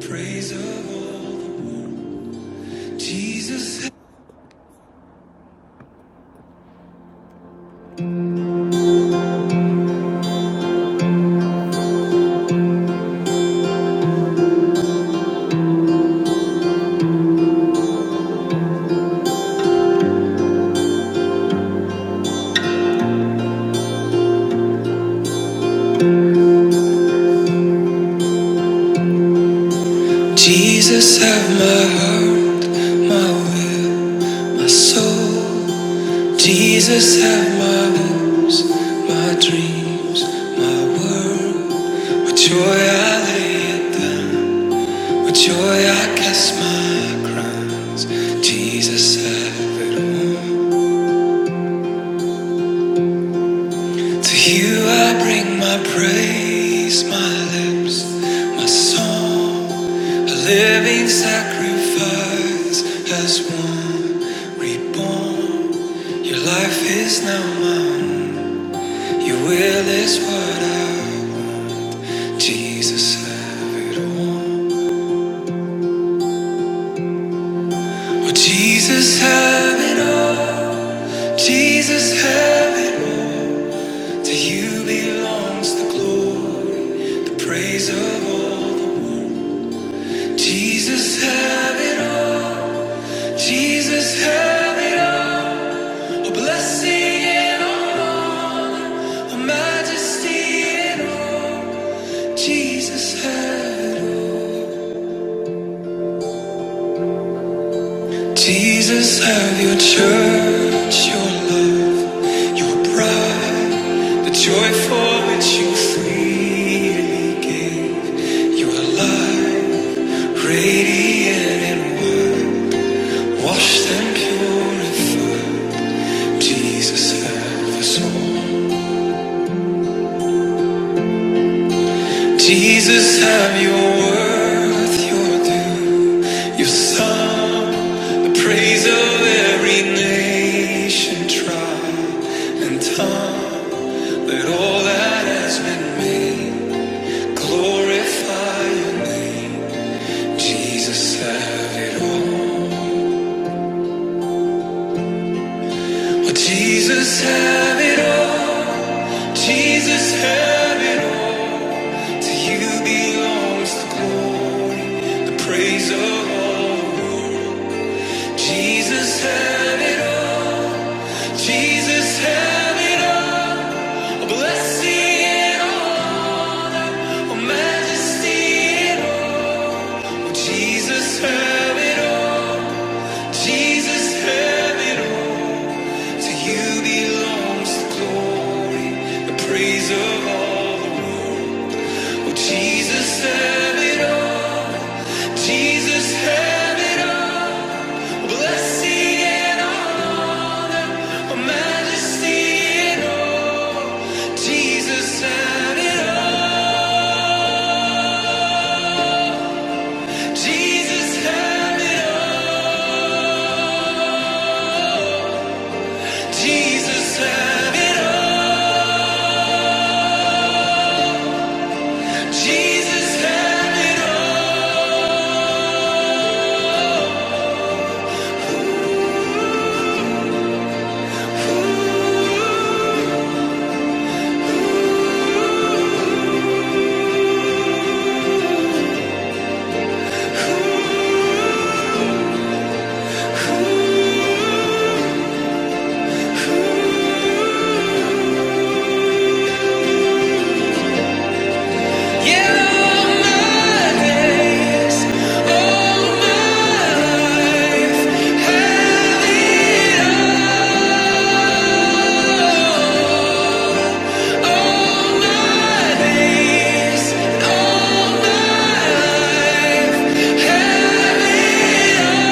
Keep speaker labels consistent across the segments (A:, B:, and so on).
A: Praise of all, Jesus, Jesus, have my heart, my will, my soul. Jesus, have my hopes, my dreams, my world. With joy I lay it down, with joy I cast my crowns. Jesus, have it all. To you I bring my praise, my lips, my song, a living sacrifice as one reborn. Your life is now mine, your will is what I, Jesus, have it all. Oh, Jesus, have it all, Jesus, have it all. To you belongs the glory, the praise of all. Jesus, have it all. Jesus, have it all. A blessing and all. A majesty and all. Jesus, have it. all. Jesus, have your church, your love, your bride. The joy for which you freely gave. Your light, radiant and wide. Wash them purified. Jesus, have us all. Jesus, have your worth, your due, your song, the praise of every nation, tribe, and tongue. Let all that has been made glorify your name. Jesus, have it all. Oh, Jesus, have it all. Jesus, have it all. To you belongs the glory, the praise of all. Jesus, have it all. Jesus, have it all. A blessing in all. A majesty in all. Jesus, have it all. Jesus, have it all. To you belongs the glory, the praise of all the world. Oh, Jesus, have it all. Jesus, have it all. A blessing in all. A majesty in all. Jesus, have it all. Jesus, have it all. Jesus have it all. Jesus have it all. Yeah, all my days, all my life, have it all. All my days, all my life, have it all.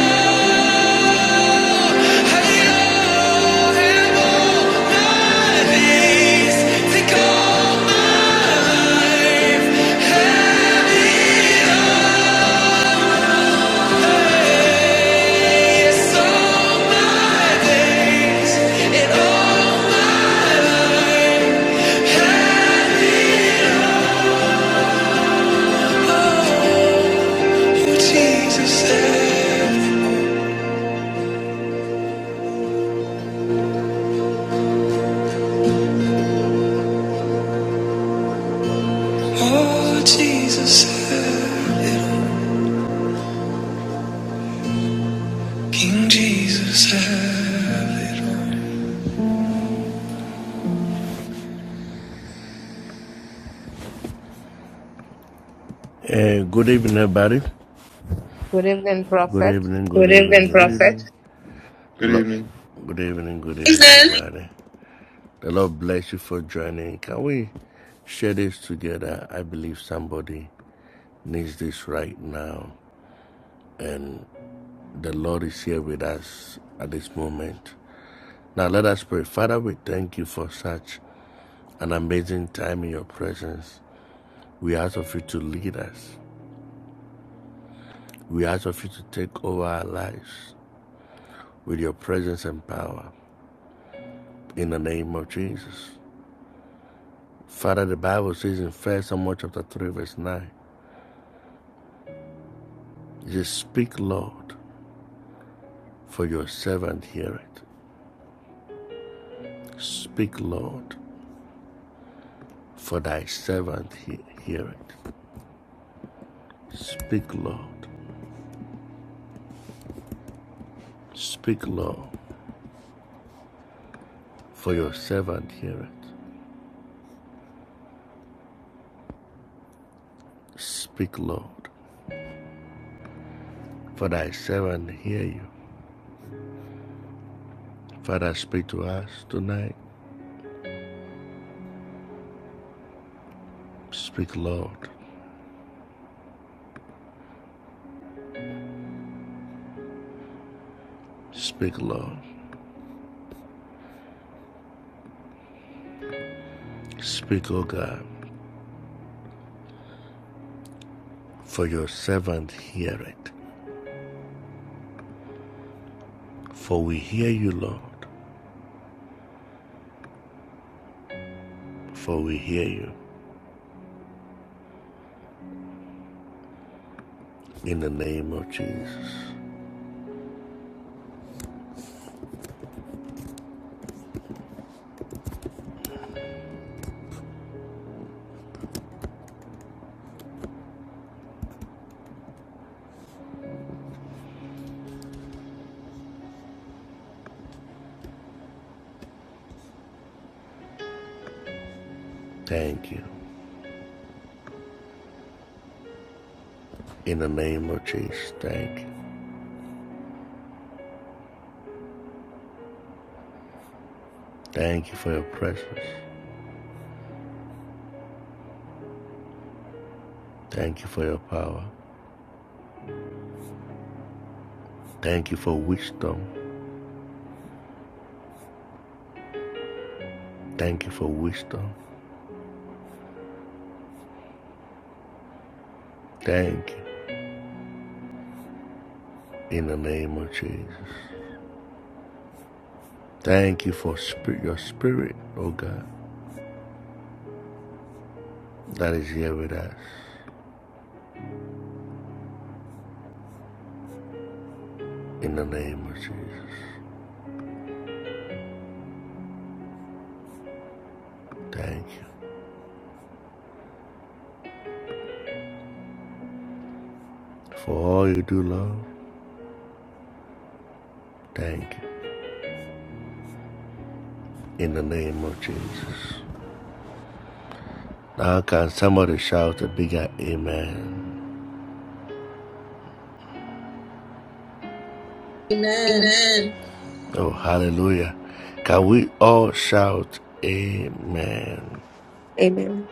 A: Have all. Have all my days. Take all my habits, all and all. Jesus, eh. oh Jesus, eh. King Jesus, eh.
B: Good evening, Prophet.
C: Good evening.
D: Amen.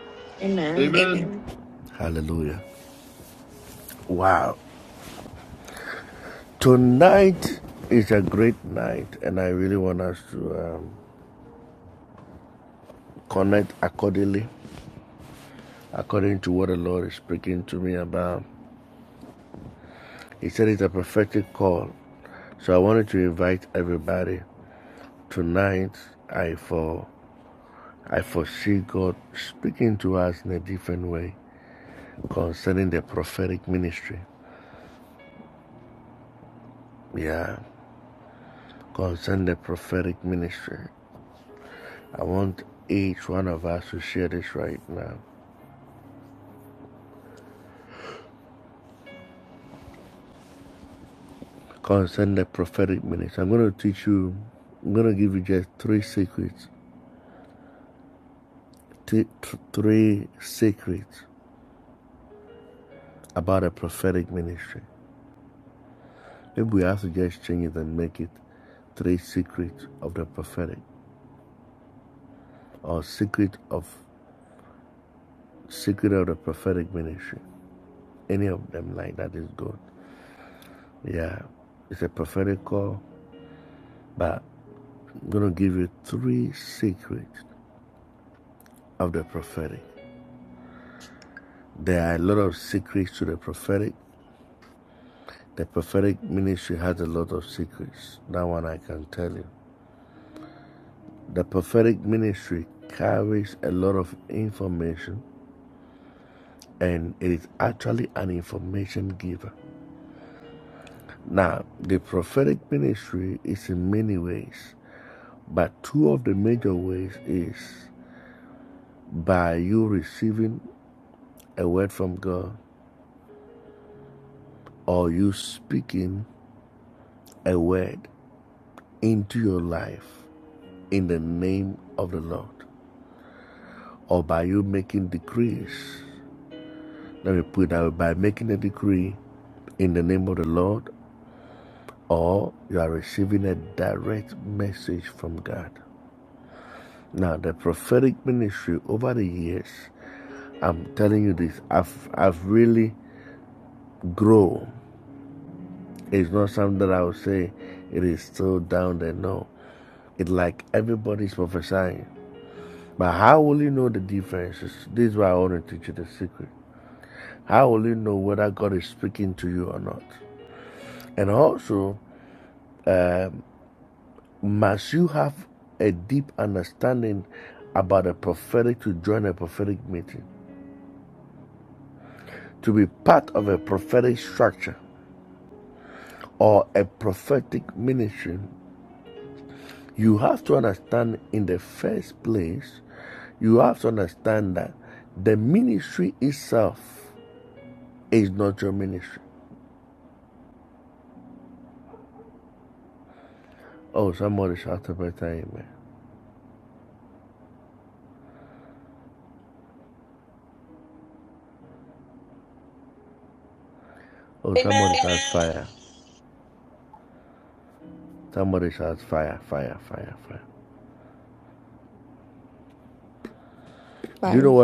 D: Fire,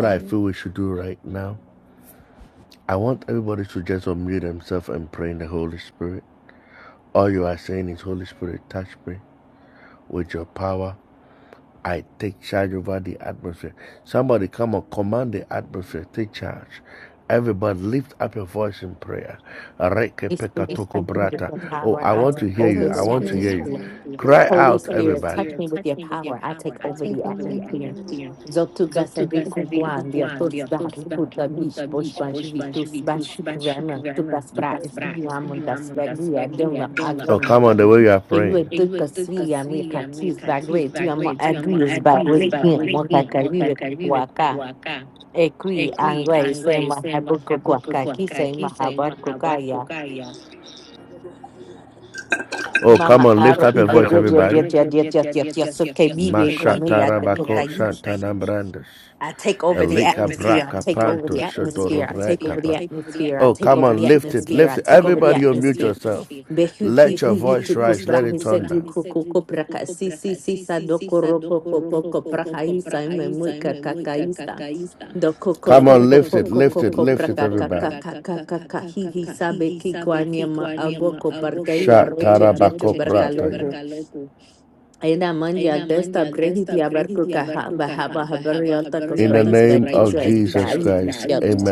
E: Holy Spirit, touch me with your power. I take over
D: Holy
E: the
D: Spirit,
E: atmosphere. Holy Spirit, touch me with your power. I take over
D: take
E: the
D: over.
E: atmosphere. Zotuka seviku guandia tos dar guta mish bosh bash vitus bashik vema tukas bra is vigilamon das vegia dema agam. E you educa svia mi kakis bagwe tu amo agris bagwe mo kakarive kukuaka. E qui angue se mahabuku kuaka kisa imahabar Mama, aro ide dia dia dia dia dia dia dia dia so ke mi be kwa mi ya de to tai. I take over the atmosphere. I take over the atmosphere. I take over the atmosphere. I take over the atmosphere. I take over the atmosphere. Behu ki hi hi tu kus brahi se du ku ku ku braka si si si sa do ko ro ko ko ko ko braha i sa i me mui ka ka ka i sa. Do ko ko ko ko ko ko ko ko braka ka ka ka ka ka ka hi hi sa be ki kwa ma ago ko parka i a ro che che che Eda mandial desta brehiti abarkukaha bahaba habarialta kosbrais bakichwa itali isyata.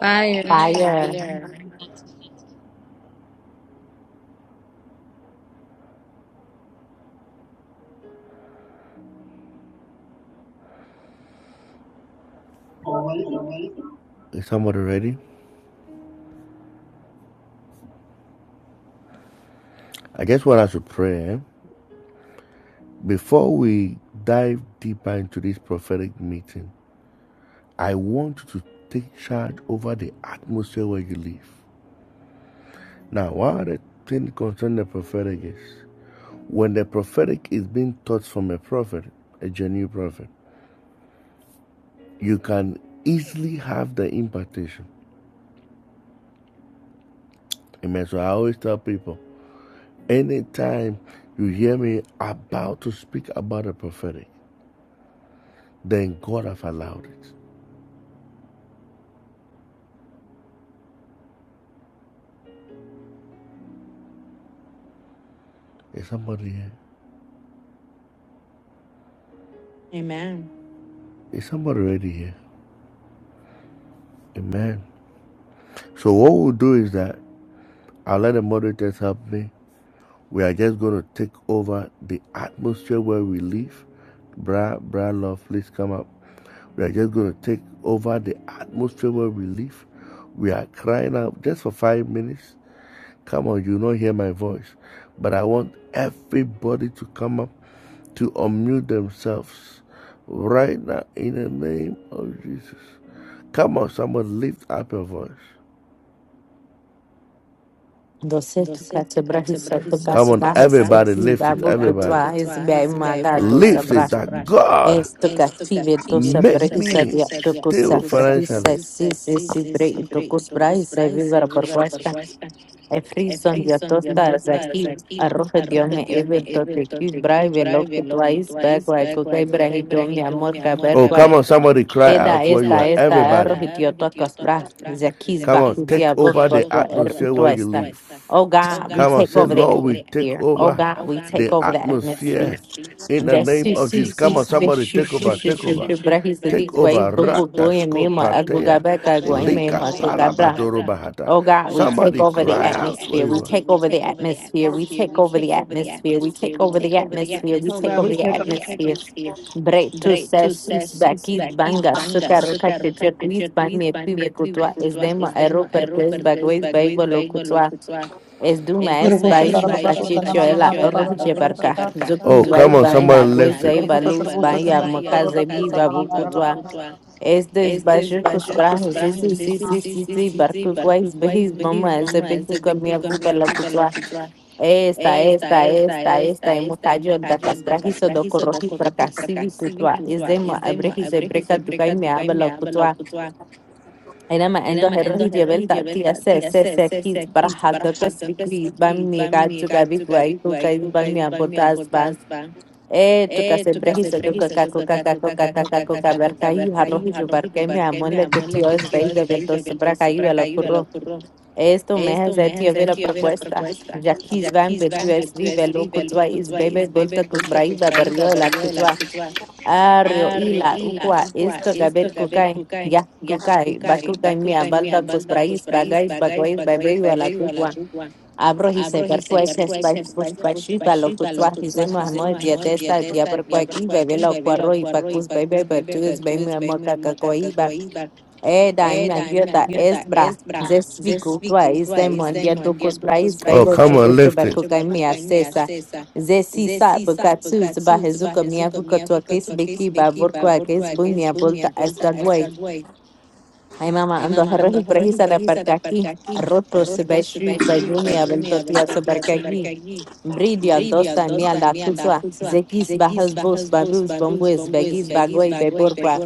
F: Fire.
E: Fire. Doce tu kase brahisa tu kas bahes seki babu kutwa is bei maga dosa brah. Es tu kafive dosa brahisa dia tu kusa brahisa si si si bre itu kus brahisa vivar por Efrison Yatosta Zaki Arroja Dios me Everton de Kiss Brave Loco Twice Bagua Kukai Brahito mi amor Caberqua Eda esta esta Arroja Dioto Cosbra Zakis Bakutia Bok Bagua Er Utwesta Oh God, we take over the atmosphere. Oh God, we take over the atmosphere. And that su su su su su su su su su brahis the deep ways bug bug boy and me ma aguga back aguay me ma coca Oh God, we take over the atmosphere. We take over the atmosphere. We take over the atmosphere. We take over the atmosphere. We
G: Oh
E: take
G: God,
E: over
G: we
E: the
G: take
E: atmosphere. Bretu se sus bakis banga sukaroka cheche kris ban me pive kutwa es demo ero per kles bagwes baibo kutwa es duma es baish
H: Gurubushatara Baba
E: buka
H: Sutana
E: chicho
H: Mama
E: ela
H: Baba
E: rohje barka
H: Sutara
E: zuku wai bam agwes zai
H: Gurubutta
E: balus ban
H: Gurubushatana
E: ya
H: Mama Baba
E: mokaze bi
H: Sutana
E: babu
H: Mama
E: kutwa
H: Baba
E: Estes baixos com os braços, sim, sim, sim, sim, sim, sim, barco quais beis, mamãe, essa bem com a minha buba, ela putua. Esta, esta, esta, esta, é mocadinho da casprahiso do corrohi para cassivi putua. Ezema, abrehis, ebreca do cai me putua. Ainda endo herrohi de belta, tia se, se, se, quis, barra, do casvigui, bam, me gato, gabi, guai, cuca, bam, me abotas, Eh, tukasebrehi sedunga kako kaka koka kaka koka barkayu harrohi jo barkeme, amole, que Dios venga del dos bracayu el ocurro. Esto me hace tío ver la propuesta. Ya quis van ver tío es vive lo cutua is bebe volta cutbrai la berrio la cutua. Arrio y la uqua esto gaber cucay. Ya cucay, va cucay mi abalda cusbrais bagais bagais bebe la cucua. Abrohise perkuese spaish puspashi balokutwa hise mahmo diatesta bia perkuaki bebelo cuarro y pacus bebe betues bebe moca cacoi bar e daim andiota es bra zesfiku tua is de mondia ducus brais bebe chucucho bacuca mia cesa zesi sa bucatus bahezuka mia bucatua kes beki baburqua kes bunia bolta esta guay ay mama ando harrohi prehisa da percaqui roto se beshi bayumi abelto tia se Bridia, Dosta, Mianda, Kutwa, Zekis, Bahas, Bos, Babus, Bombos, Begis, Bagoi, Beborqua,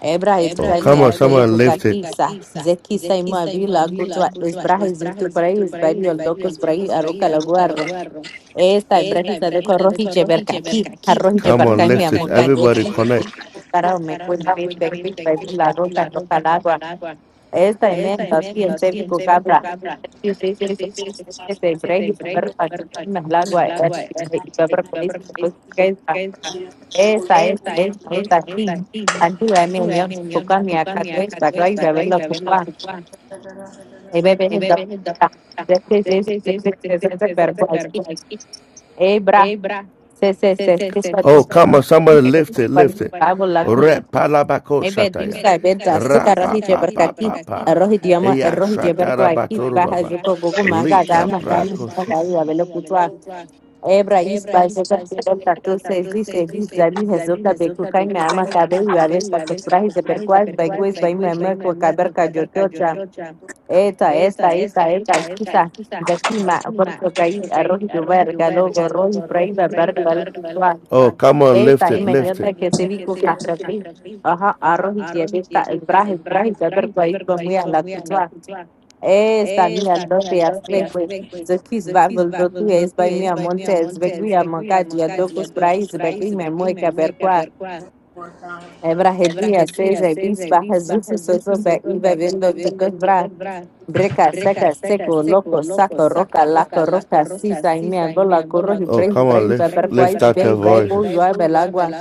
E: Ebra, Tukamia, Sevikuka, Kisa, Zekisa, Ima, Vila, Kutwa, Esbrajes, Vitu Praise, Bario, Docos, Prai, Aruca, Laguarro, Esta, Brejisa de Corroji, Jebercaqui, Arroji, Jebercamia, Moca, Para me cuenta, Vila, Roca, roca Maybe do sa benta suka rohi jeber kaki rohi diama rohi jeber ko aki baja yuko gogo manga dama dama dama ya velo putwa ebra is ba seka kito kato sebi sebi gabi hezuka beku kai me ama kabe ya vel pa kutura hi jeber ko as bai gues bai me ama ko kaber ka jojo cha eta esta esta esta kisa जैसी माँ बर सकाई रोही दुबर गलो रोही प्राई बबर गल Esa, y meniota que se vi que arroz, ajá, arroz y si allí está el braje, braje, ya pero ahí fue muy a la cultura. Esa, mira, entonces, as ve, güey. So kiss babble do tu es by mi amonte es ve gui a mancati a docos praise ve gui me moe que a ver qua ebra hedui a seis e bis baja zusu soto be iba vendo tu que bra breca seca seco loco saco roca laco roca sisa y mi abola corro y break break va ver qua is ve ve bo yo a belagua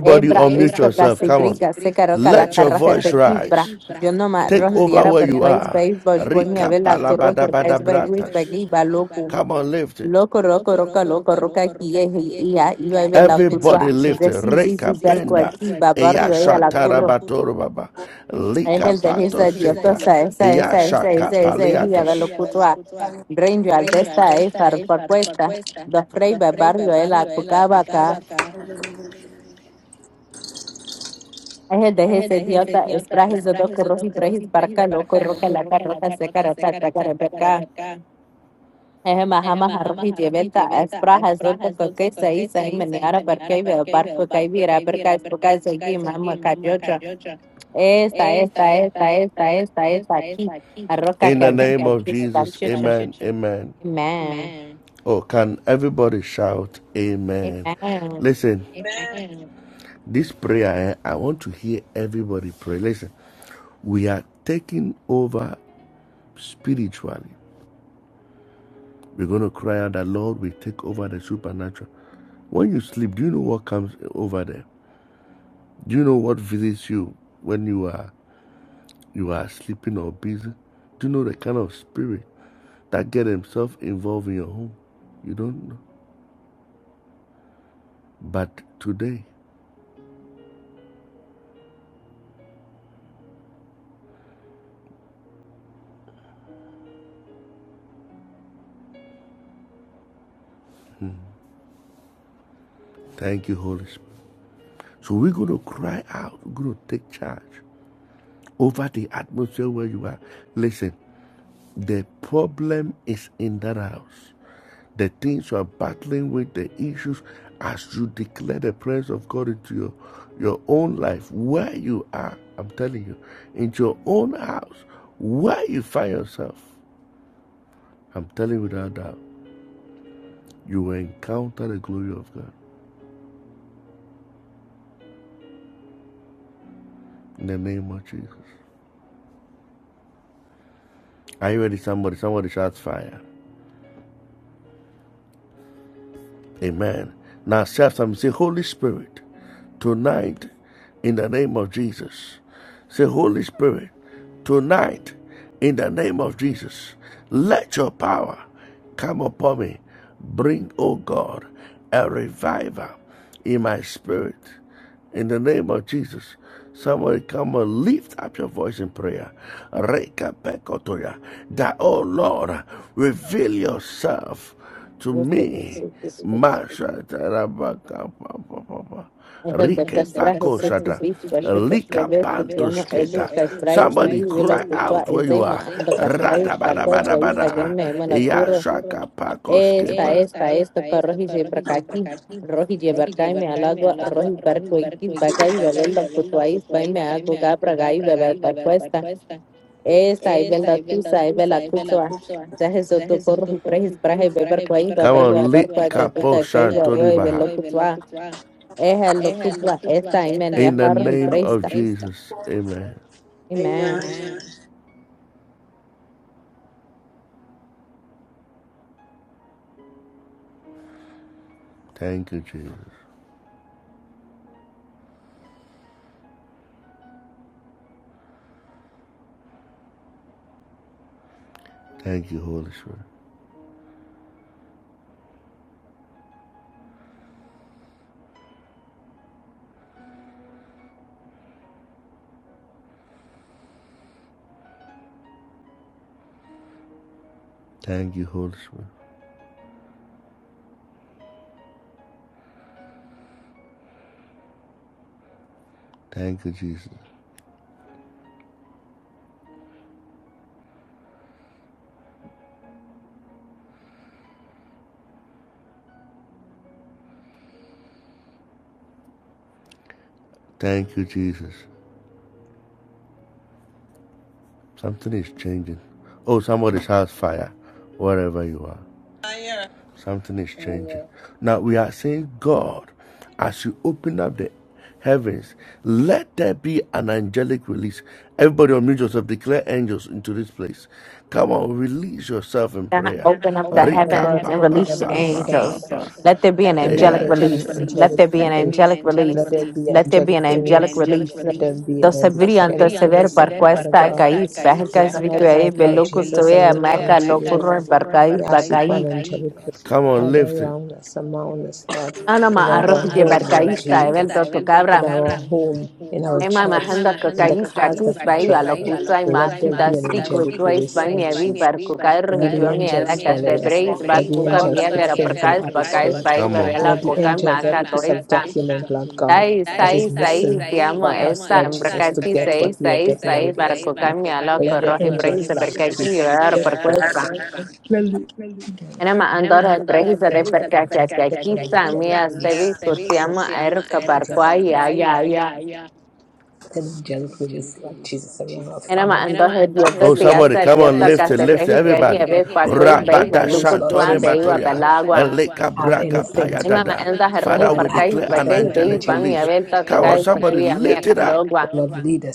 E: Ebra, esto casi brica, se caroca la carraja se quibra. Yo no me rojo diara per quais beis bosh boy mi abela curro per quais beis wis bagi ba loco. Loco roco roca loco roca aquí es ia yo abela puto aquí. De sí sí sí berco aquí ba barrio ella la curro. Es el de esa diosa esa esa esa esa esa ia ba lo puto a. Range al de esta es por cuesta. de frey ba barrio ella cucaba acá. es el de ese dios ta es prájiz todo corrosivo prájiz para callo coroca la carroza se caraca tacara perca. Eje mahama harroji jebelta esprajes o dos coque se carapercá es el más más arrojito es prájiz todo porque soy soy muy niara porque barco que vierra porque es porque sé que mamá acá yo yo está está está está está está aquí arroca que dije es cacho chon mmm mmm Even the Castra who sits to beach worship with Yabes with Yamo Eddie Casprai, the will of Butua Ezema, and the Casprai, Paco, Wai, Bagan, Emanakuro, Esta, Esta, Esta, Corrohi, Zebracaki, Rohi Jebarkai, Mealagua, Rohi Barcoikis, Bagai, the will of Butuais, by Meago Gabra, Gai, the Parquesta, Esta, I will the Tusa, I will Acusua. Zahes of the Hesoto Corrohi, Praise, Brahe, Beberquai, Babra, Barqua, Kakuta, Kai, Roy, Velocutua. Ejalokitwa esta, Amen. Yaharah y presta. Amen. God, Open up
B: Oh,
E: the
B: Father God,
E: heavens and release the angels. Let there be an angelic release. Let there be an angelic release. Let there be an angelic release. Dosebiria antosever parquesta caís, bajas vicuei, belocutoea, maca, locurro, barcaís, bacaí. Anama arroz de barcaísta, evel Emamajando que caís vacús bahía lo puta y mafitas fico tuais ba mievi barco caer hitua miela que se breis barco ca mieve era por caes pa caes bahí vela coca maca toista dai sai sai te amo esta embracati sai sai sai barco ca miela que rohi breis de percaqui vivera por cuesta Enema andora breis de percaqui aquí sa mía se vi tu te amo erca barco ay ay Eramandos hediondos y asadiosas casebrejicas y ebecuacuis beis belucutuan beiba pelaguan. Emamandas herroji parcais beques beis van y abelta tocais becuia mia calogua.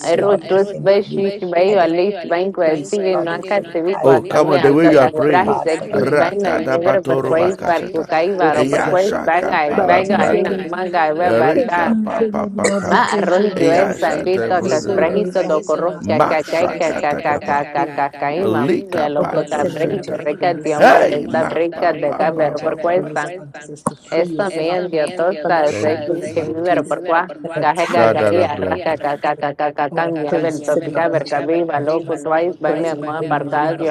E: Erutus beshish bei alis banque civil nuanca civico acame aldo casbrajis exis bei manivero perquais barcucaivar o perquais baga el baga emna maga Ma, arroz es sandito, casprajizo, docorros, cacacay, cacacacacacacay, mamuya, loco, cabreji, breca, dioma, esta breca de cabero por cuesta, esta mía, dio tosta, ese que vivero por cuá, gaje, gagaí, arrasca, cacacacacacacay, mi abel, topica, ver viva, loco, twice, va mi amor, aparcado,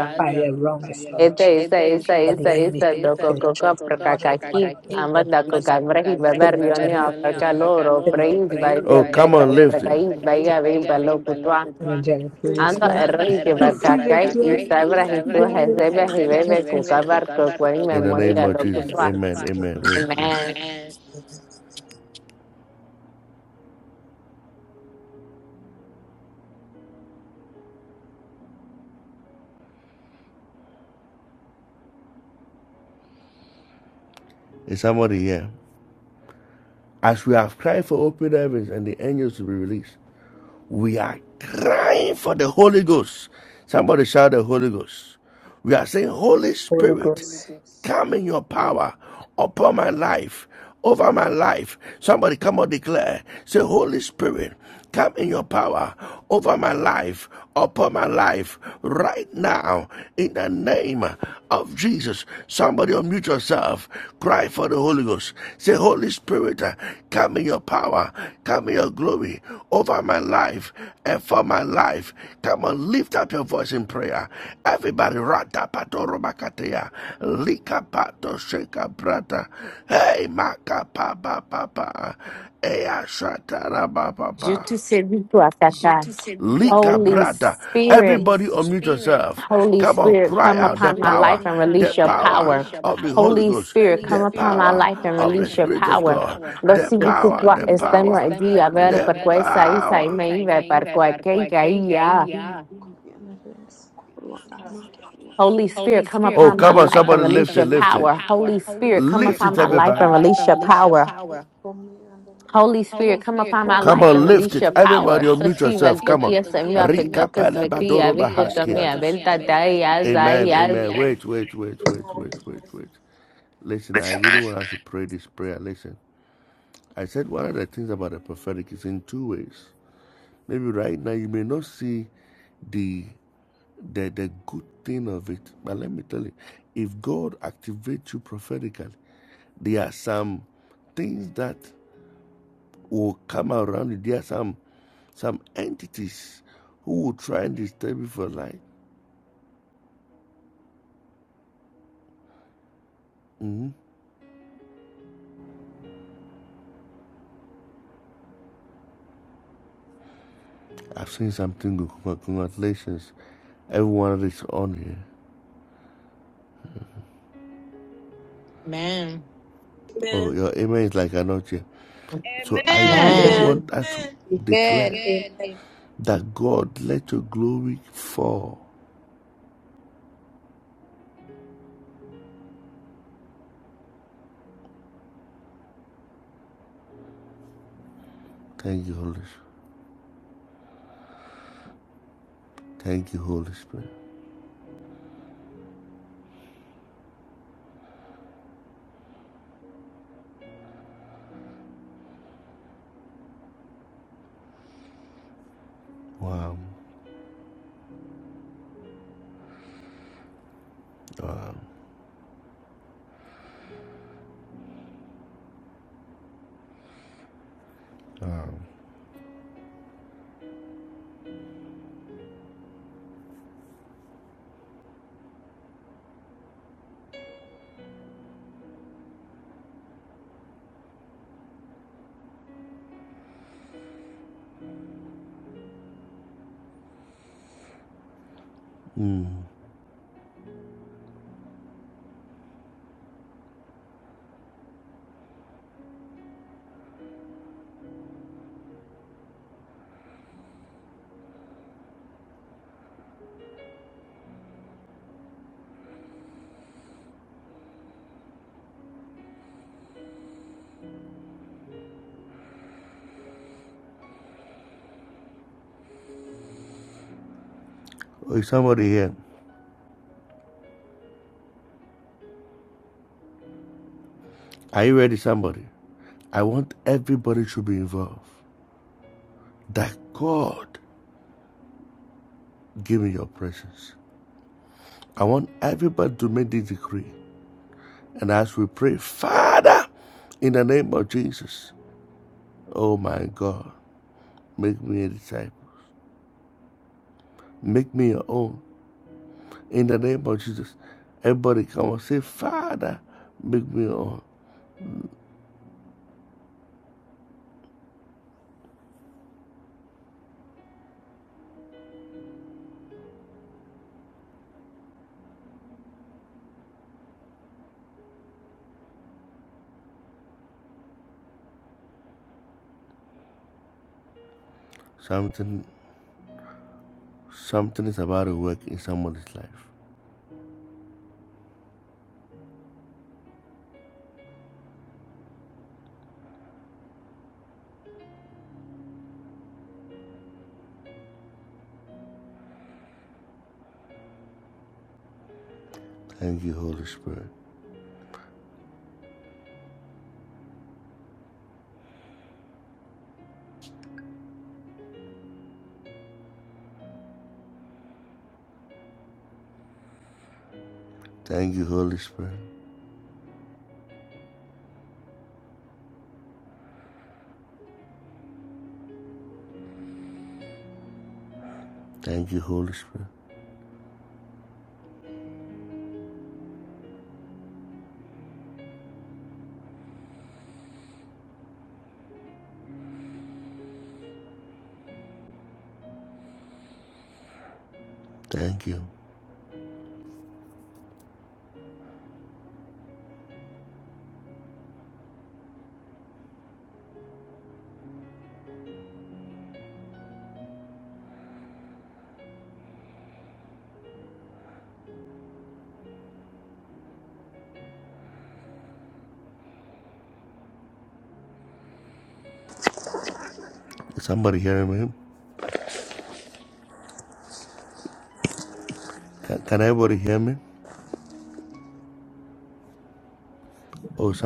E: Esa, esa, esa, esa, esa, doco, coca, prakakaki, amanda, coca, brahi, babar, yone, abarca, loro, preis, baia, beca, prakais, baia, bimba, locutua, ando, erri, que batakai, y sabra, y tu, jezebe, y bebe, coca, barco, cuari, memoria, locutua. Amen. Je te salue, toi, Satan. Holy Spirit. Holy Spirit, come upon my life and release your power. Holy Spirit, come upon my life and release your power. Lo siento tua estema en día, ver por qué saíta y me iba por cualquier caía. Holy Spirit, come upon my life and release your power. Holy Spirit, come upon my life and release your power. Holy Spirit, come upon my life and release your power. So she will to tears and me up in the customary rico to me, I will die as I as.
G: amen.
E: Man,
B: Amen. Amen.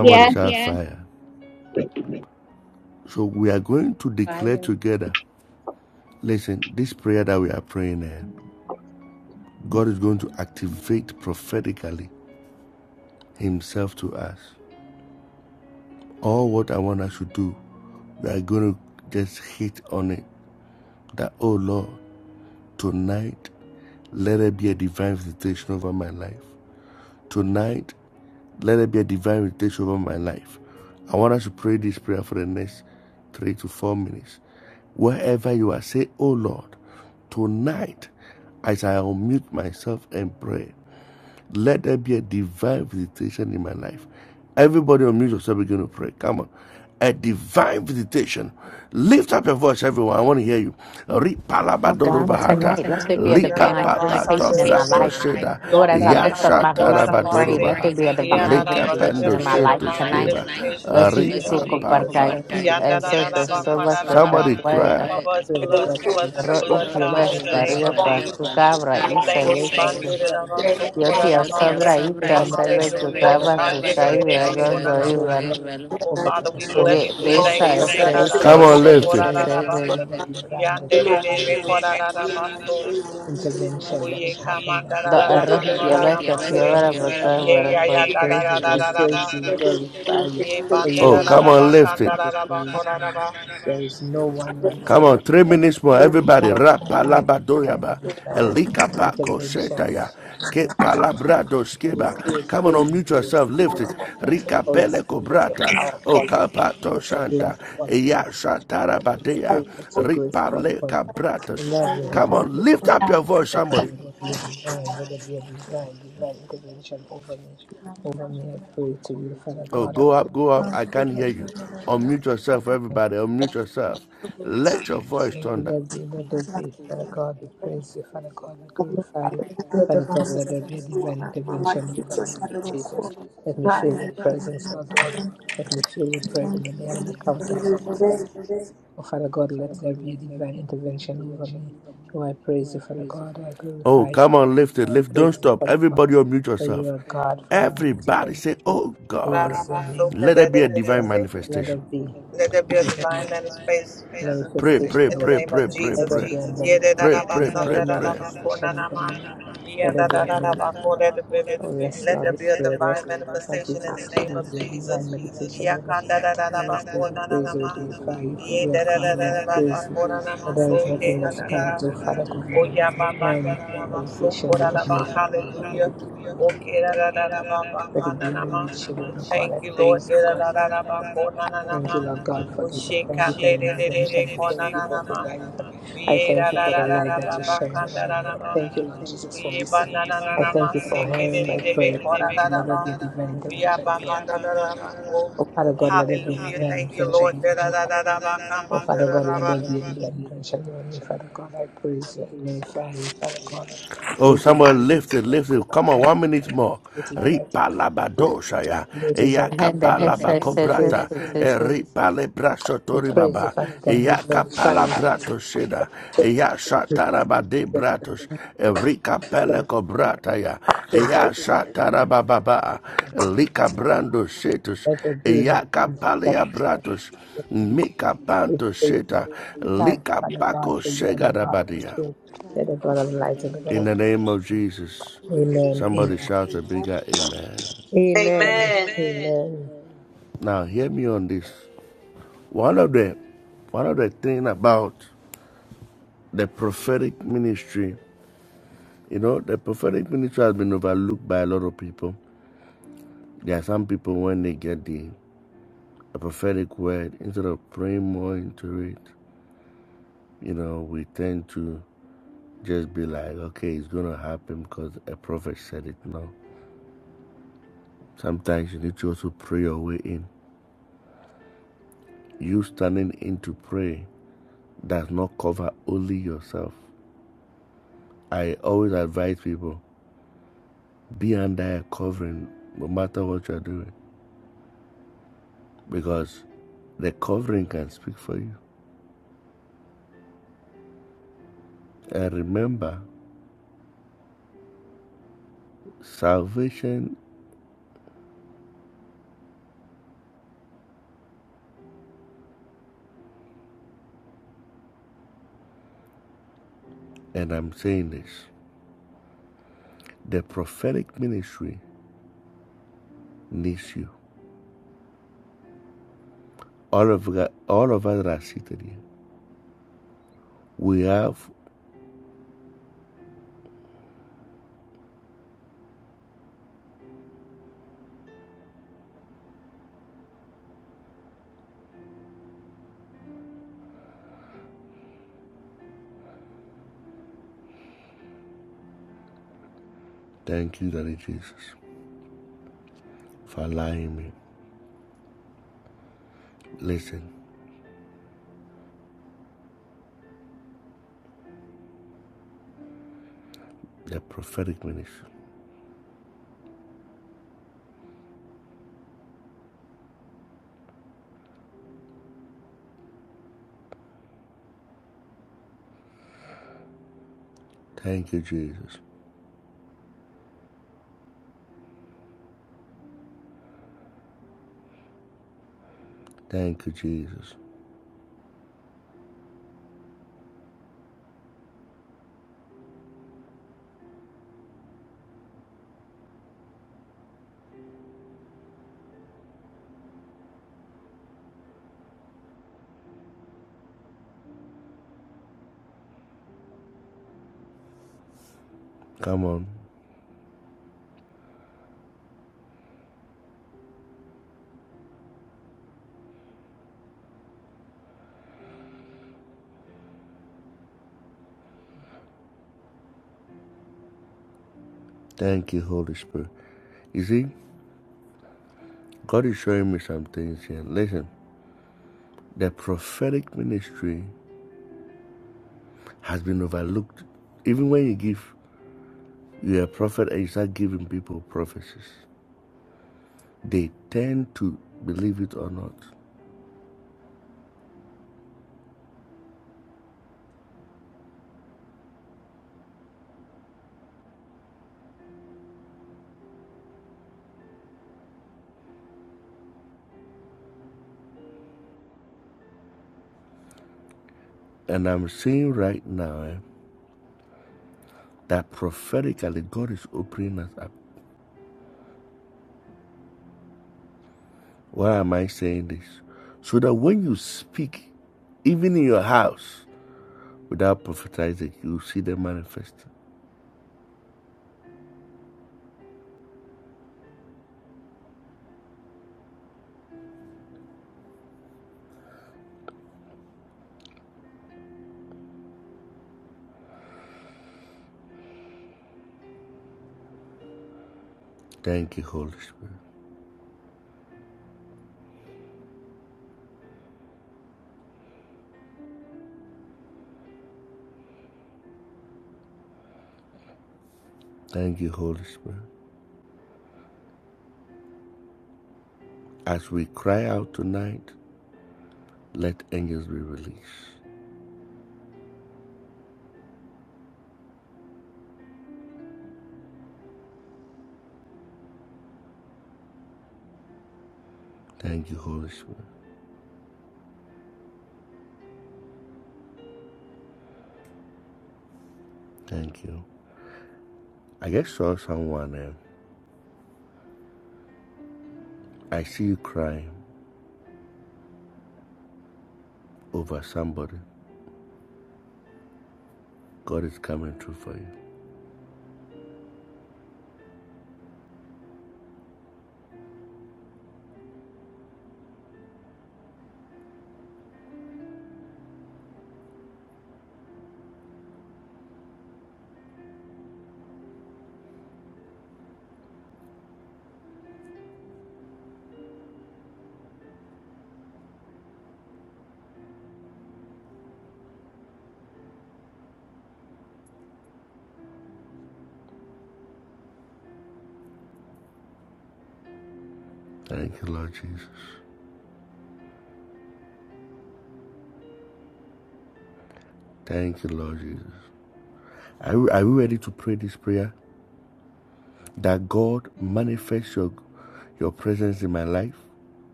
I: Yeah,
E: oh God, tonight, let there be a
J: Let
E: divine visitation in my life. Lord, as I lift up my voice and pray, let there be a divine visitation
J: there
E: in
J: be
E: my
J: a
E: life
J: divine
E: tonight.
J: visitation
E: Lo
J: in the
E: sihi
J: name of
E: ku
J: Jesus.
E: barka ki e so te
J: Yandarararaba,
E: so ka ka
J: kwarararaba.
E: wai
J: Cover us blood, cover us in the
E: ro i
J: blood,
E: te
J: God, in the
E: pa
J: name
E: ria
J: of
E: pa
J: Jesus.
E: ku ka bra
J: We thank you, Bandirama,
E: Yo te a so bra
J: Sukuramanda.
E: ku
J: Hallelujah.
E: ka ku ka i
J: Shandirama,
E: a go go
J: Kurama. Oh Father, we bless
E: Ye
J: you. We
E: de
J: thank
E: sa e
J: you.
E: se se
J: Dararama,
E: se
J: Sukurararaba. Yandirama, Kurararama, Oye kamanda
E: The
J: da da da ba
E: Arohi
J: kora
E: dialect of
J: namase.
E: Yavara Baga
J: Ye
E: were
J: ya
E: referred
J: ya da
E: to
J: da da
E: him
J: da
E: like
J: da da ba. Ye bande da da da ba kanda da da ba kora da ba. Da da ba so ke de de de de se. Let there be a divine manifestation in the name of Jesus. Yedidadabasandididabakonanama. Yedidadadabako. Let it be- let there be a divine manifestation in the name of Jesus. Yakandadadadabakonanama. Yedidadadadabakonanama. So, yehadadada. Oyabamandadadaba. So, kodadaba. Hallelujah. Okedadadadaba. Kananama. Thank you, Lord. Da da da da ba ko na na na ma. Ushikande de de de de ko na na na ma. Uye da da da da da ba ba kanda da da da ma. Uye ba na na na na ma. Seke de de de be ko da da da ba. Uya ba ma da da da ba ko. Hallelujah. Thank you, Lord. Da da da da da ba ka ma da da da ba.
E: and the Hessites, Hessites, Hessites,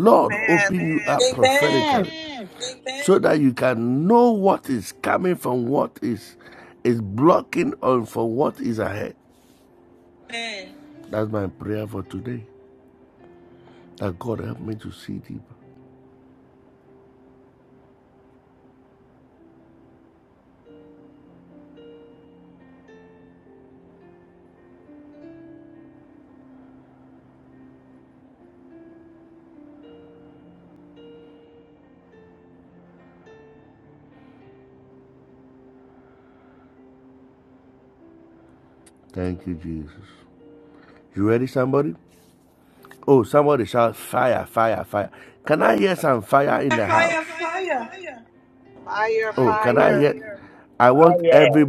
J: Amen.
G: Amen.
J: Fire, fire.
K: Ah yeah.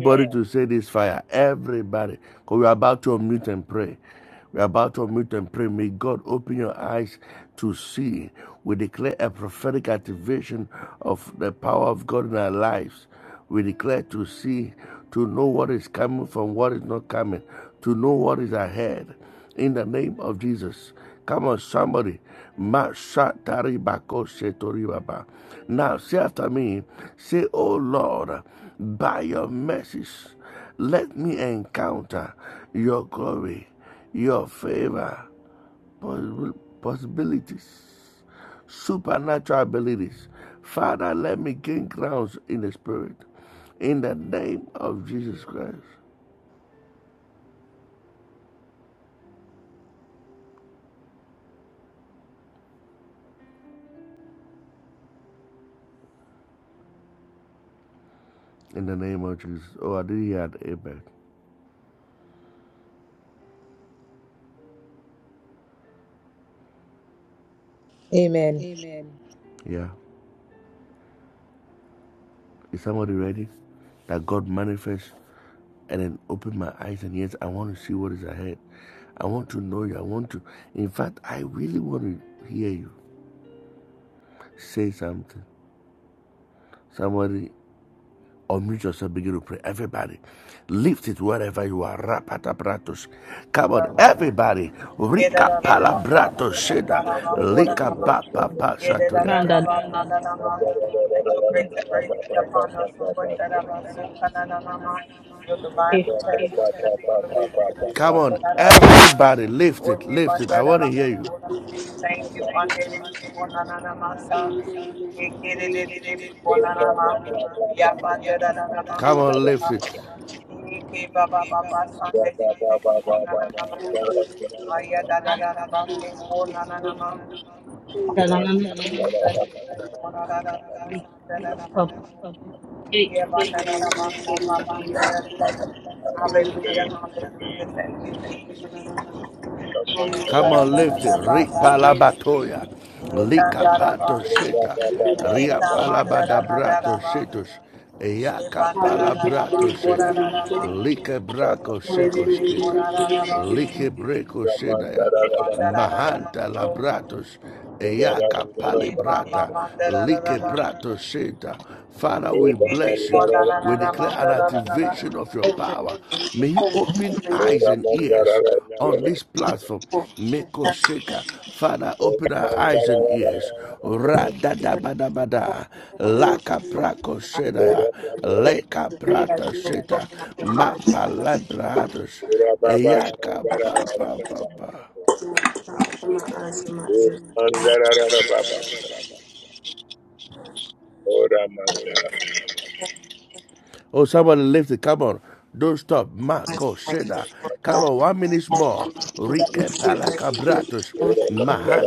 J: Let your grace and
G: Pranda,
J: mercy be upon us, Lord. Your divine
G: eh,
J: protection in the name of Jesus. Oye, bandera la bandera, we thank you, andere konana masa, e kere de de de de konana ma, ya bandera la la bandera la, e ke baba baba sande de de de konana ma, aya da da da la basu konana ma, yeah, ba,
G: pranda, na, na, na,
J: da,
G: eh, eh, pa, pa, eh,
J: Hallelujah, hallelujah. Thank you, Jesus.
G: eh, eh,
J: Amen. so. Empower us, O God, in the name of Jesus.
K: Ora mandara ora mandara ora mandara ora baba shandara ora baba ora mandara ora baba ora mandara ora mandara ora mandara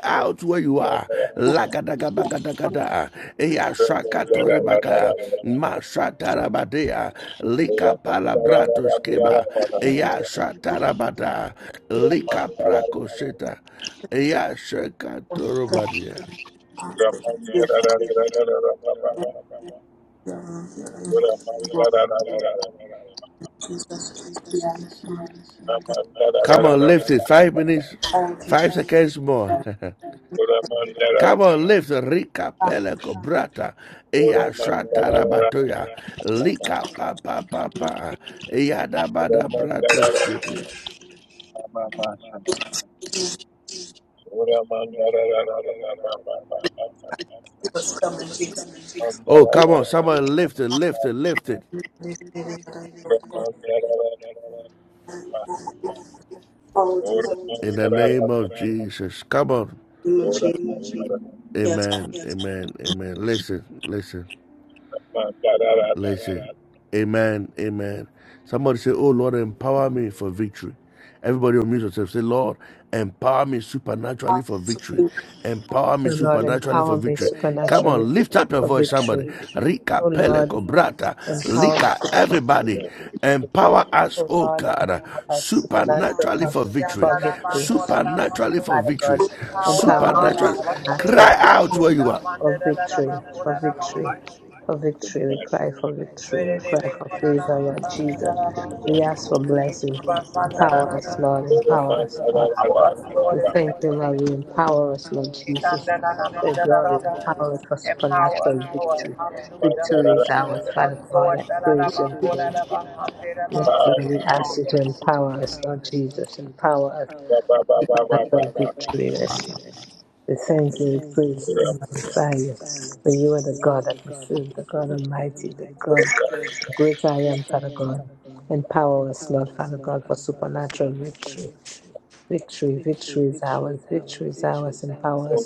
K: ora mandara ora mandara Ora
J: Empower us, Lord, in the name of Jesus. Empower us, Lord. Hallelujah. Strengthen us, Lord.
K: Thank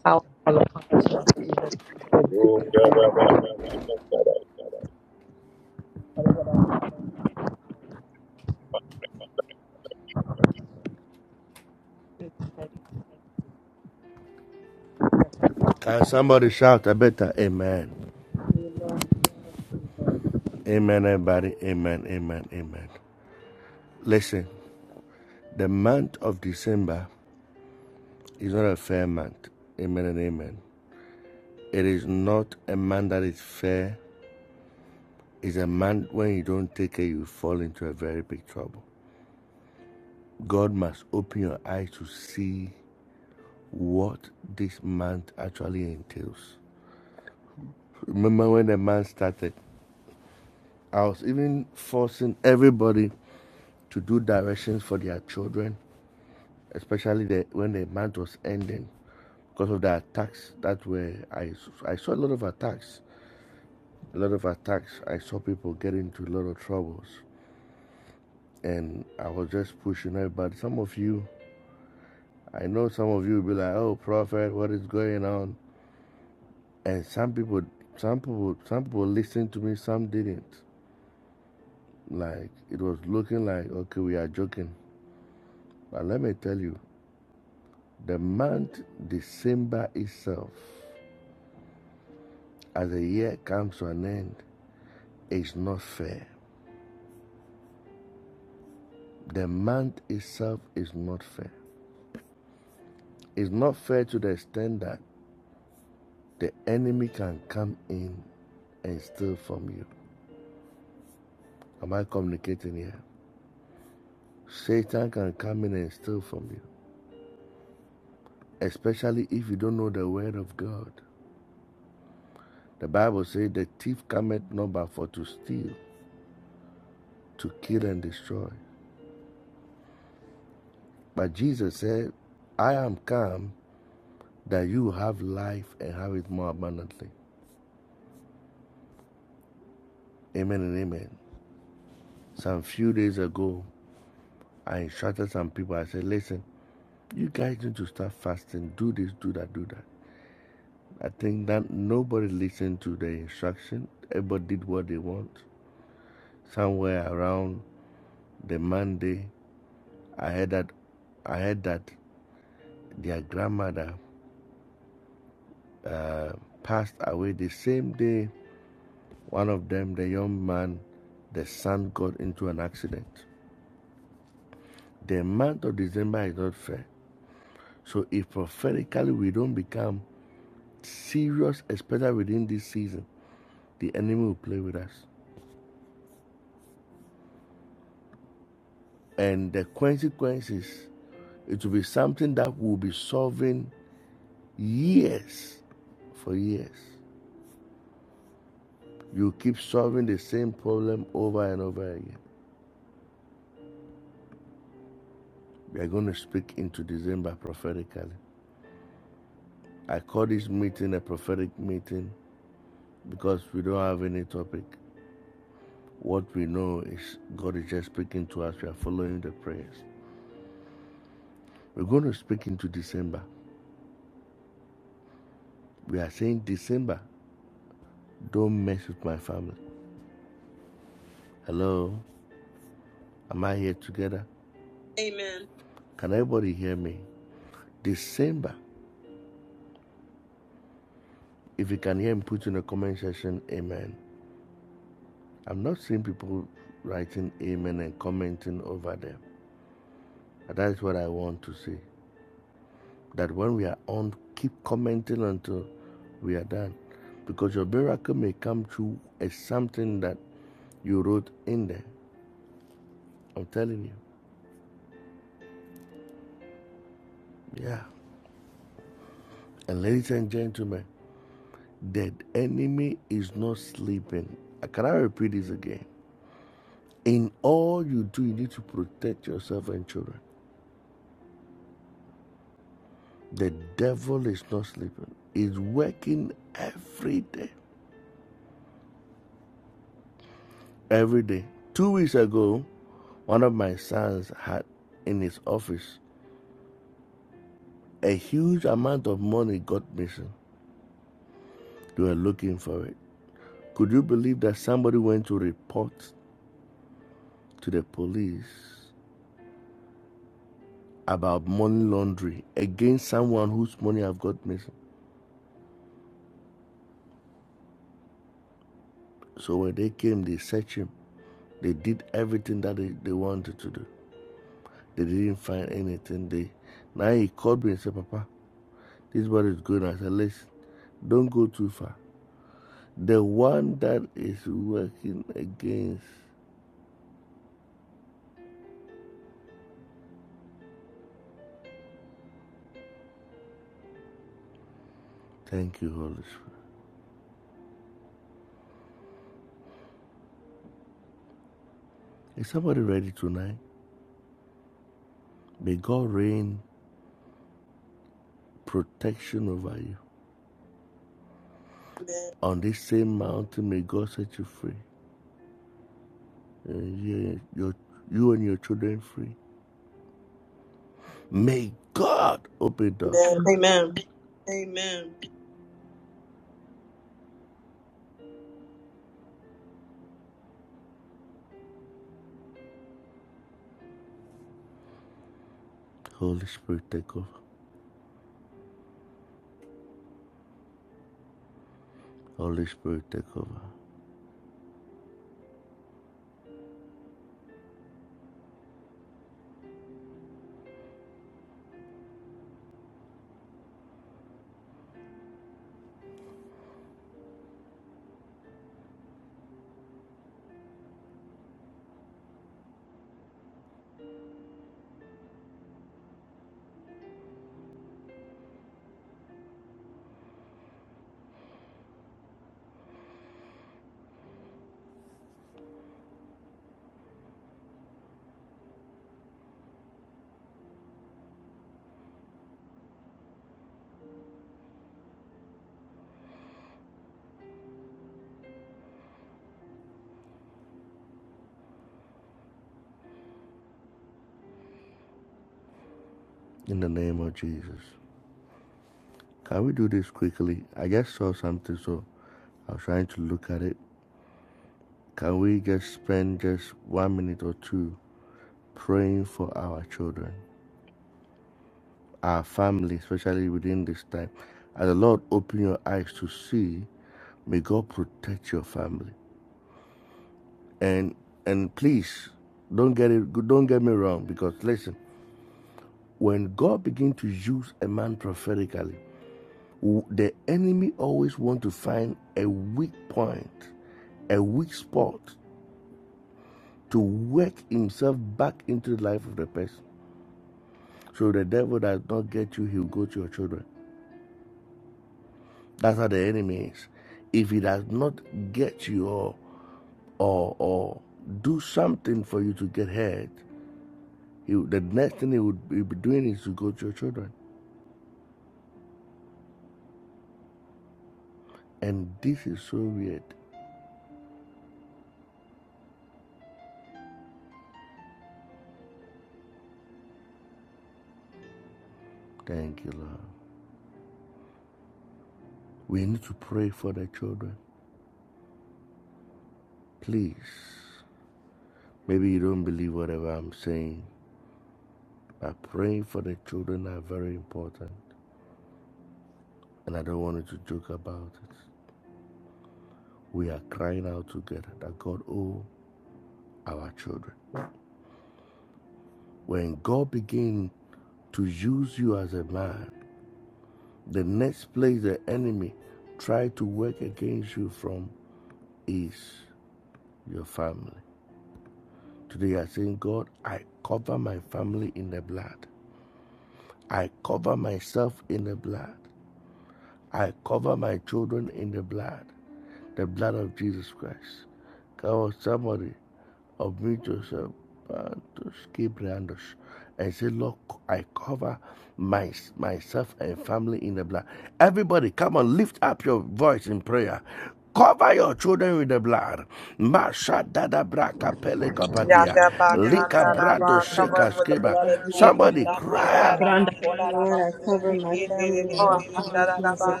J: Yandaba
L: Lord, thank you, Lord.
J: Kandaraba
L: Cover
J: covered with the blood
L: my
J: of Jesus.
L: family, oh
G: ka,
L: God.
G: pranda,
J: Samandaraba
L: Lord,
J: Kodaraba.
L: I
G: eh,
L: cover my family in
J: Yediribe
L: the blood of
G: eh,
L: Jesus.
J: Kandaraba.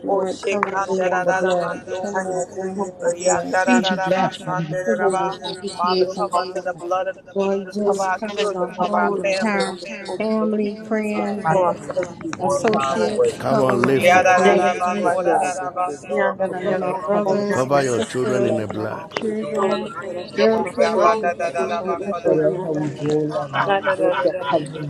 L: Lord,
J: Oshe
L: cover me in the blood.
J: Kandaraba
L: Cover my
J: Toko.
L: family in the blood.
G: Fiji
J: Yandaraba
G: black,
L: Cover my
J: Sandaraba. Father,
L: kids in the
J: cover us in the
L: blood.
J: blood of
L: Lord,
J: Jesus. Cover
L: just
J: our
L: cover
J: children.
L: the
J: Cover our
L: whole
J: family.
L: entire family, friends,
G: black,
L: and
J: One mile away.
L: associates.
G: Jesus.
L: Cover them in the blood
G: Thank
L: of
J: Yadaraba
L: Jesus.
J: Kodaraba. So. Stop over there,
L: Cover
J: get
L: my
J: something.
L: brothers, my
J: Mhm.
L: sisters, my
J: You don't want nothing
L: children,
J: to drink? Jim
L: their
J: over that road.
L: children. Cover
J: Yabadaraba
L: everybody
J: Kodaraba.
G: you,
J: Uh-uh.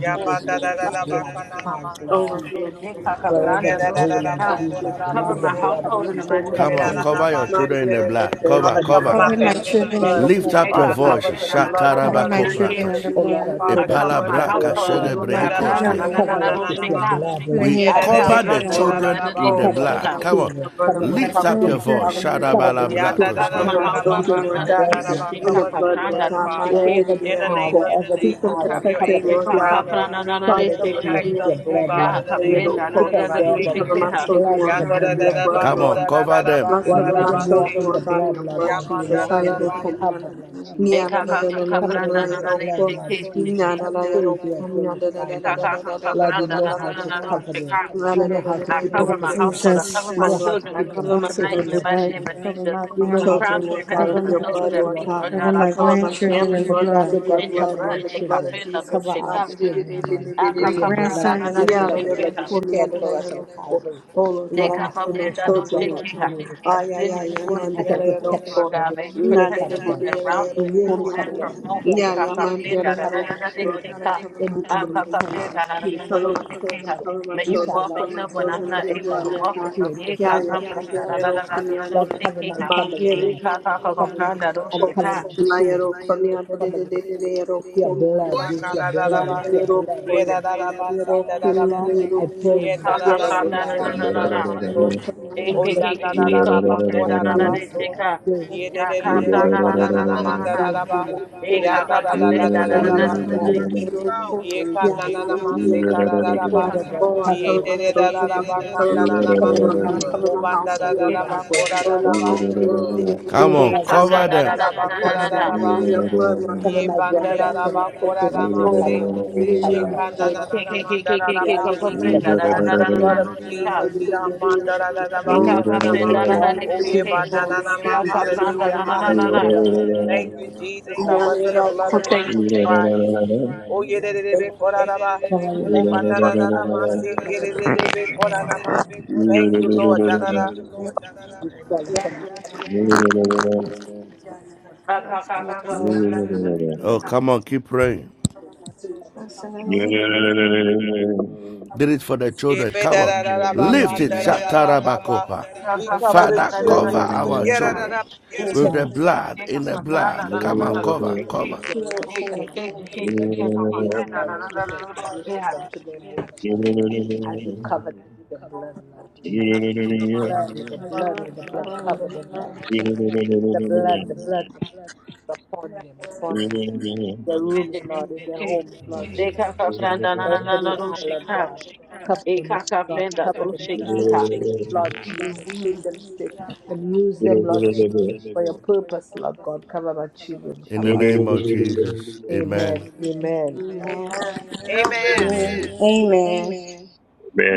L: in
J: ba da
L: the
G: God,
J: da da da ba ka na na ma no.
G: Father, eh, ka, ka,
L: blood.
J: Yeah,
G: pranda,
J: da da
G: Lord,
J: da
G: she
J: da ba
G: died.
J: ko da
G: I
J: da ba
G: cover my
J: ko.
G: household in the mighty
J: Oh,
G: name
J: yeah,
G: of
J: da na
G: Jesus.
J: na ma de de de de. Father, cover my
L: Cover my
J: family in the
L: children in the
J: blood.
L: blood.
G: Eh,
J: Father,
G: ka, ka,
J: cover us in
G: pranda,
J: the
G: na, na,
J: blood,
G: na,
J: the
G: na,
L: Cover
J: blood
G: they
L: my
J: of
G: take care.
L: children in
J: Jesus.
L: the blood.
G: I
J: Father,
G: cover
J: cover us
G: my
J: in the
G: household,
J: blood.
L: Cover
G: Lord
J: Da
L: my
G: God,
J: da ba
G: pranda,
L: family
G: na,
L: in
J: so
L: the
G: na, na,
J: ko
G: na,
J: na
L: blood.
G: Lord,
J: na na
G: she
L: Lord,
J: ma.
G: died.
L: put a
J: Yeah,
L: head
G: I
L: of
J: da da da ba
L: protection
G: kapranda
J: ko
G: da da
J: da
L: over
J: da
G: da
J: da
L: them.
G: da da
L: Lord, cover,
G: shikiha.
L: cover my grandchildren
J: ba.
L: in the blood.
J: Yeah,
G: I
J: da, da,
G: cover
J: da,
G: my
J: da, da, ba,
G: household in the
J: ba,
L: Cover
J: ka,
G: blood of
J: da, da,
L: them
J: da,
G: Jesus.
J: ba.
G: Shika
J: Cover us in the
G: kapranda
J: blood,
G: do
J: Father.
G: shike.
J: In the name of Jesus, have your
G: De
J: angels
G: pa
J: around us
G: kapranda da da da
J: to
G: shika.
J: protect us, oh God.
G: Ya
J: In the name of
G: kapranda da da
J: Jesus,
G: da da
J: I
G: do
J: thank you.
G: shikiha.
J: Yeah, da, da, da, da, ba, ko, da, da, da, da, ba, ko, da, da, ba, see.
L: in the
G: E
L: blood.
G: ka ka ka kapranda da da da shiki. E ka ka ka kapranda da da da da do shika.
L: Cover
G: I
L: the blood
G: cover
L: of
G: my household. I cover
L: Jesus.
G: my children
L: Cover us in
G: tonight
L: the
G: in the mighty
L: blood.
G: name of
L: Cover
G: Jesus.
L: my
G: From the
L: family.
G: crown of their heads
L: Cover
G: to the
L: my
G: soles of their
L: children.
G: feet, Lord
L: Cover
G: God, I
L: my
G: call them
L: grandchildren
G: covered
L: in the blood.
G: in your blood. E kapranda do shika.
L: My great grandson in the blood.
G: Akakapranadadeshekeha. Dekapapredadoshekeha. I send you forth to their schools, Lord God. May you protect them on their route, school and from home. Dekapapredadadadadadeshekeha. Akakaprenadadadadadoshekeha. May you walk with
L: In the
G: them when
L: blood
G: I'm not
L: of Jesus.
G: able to walk with them.
L: us
G: Yekakapradadadadadadadoshekeha. Yekakakapranadadoshekeha.
J: Sakadadadaba. Yedadadaba, sadadadaba. Yedadadadaba,
G: Yekakapranadadadadadadoshekeha.
J: kandadadamaso.
G: AKKK comes
J: Oyandadadadaba,
G: up to the Nana de
J: kodadabaso.
G: Sheka.
J: Yededededebe,
G: Yakata Nana Nana Nana.
J: kanananamandadadaba.
G: Akaka Kapenda Nana
J: Yandadadadadadaba.
G: Nana Seki.
J: Ye kanananama, sekadadadaba. Yedededadadaba, kandananama. Obandadadadaba, kodadadaba. Ye bandadadadaba, kodadadaba. Ye bandara raba kora rama se. Sheka na na na na mandara
G: KKKK
J: raba.
G: comes up to
J: We
G: Nana
J: plead the
G: Nana
J: blood
G: Nana
J: of
G: Sheka.
J: Jesus. Sha mandara ra raba kora
G: Akaka
J: rama.
G: Kapenda Nana de
J: Oh ye
G: Seki.
J: bandana nama.
G: Yakata Nana
J: Hallelujah.
G: Nana Nana.
J: Hallelujah. Thank you, Jesus. Cover us in the blood of Jesus Christ.
K: you.
J: Oh ye de de de be kora raba. Oh bandara ra rama se.
L: In
J: Ye de de
L: the
J: de be kora rama. Thank you, Lord. Da da da.
L: blood.
G: Akaka
L: Yes, in the blood.
G: Kapenda Nana
L: Us in the name
J: Jepe da da da da ba ba da da da ba ba ba. We cover the children. Yeah da da da.
G: Amen.
J: Amen.
L: Amen.
K: Man,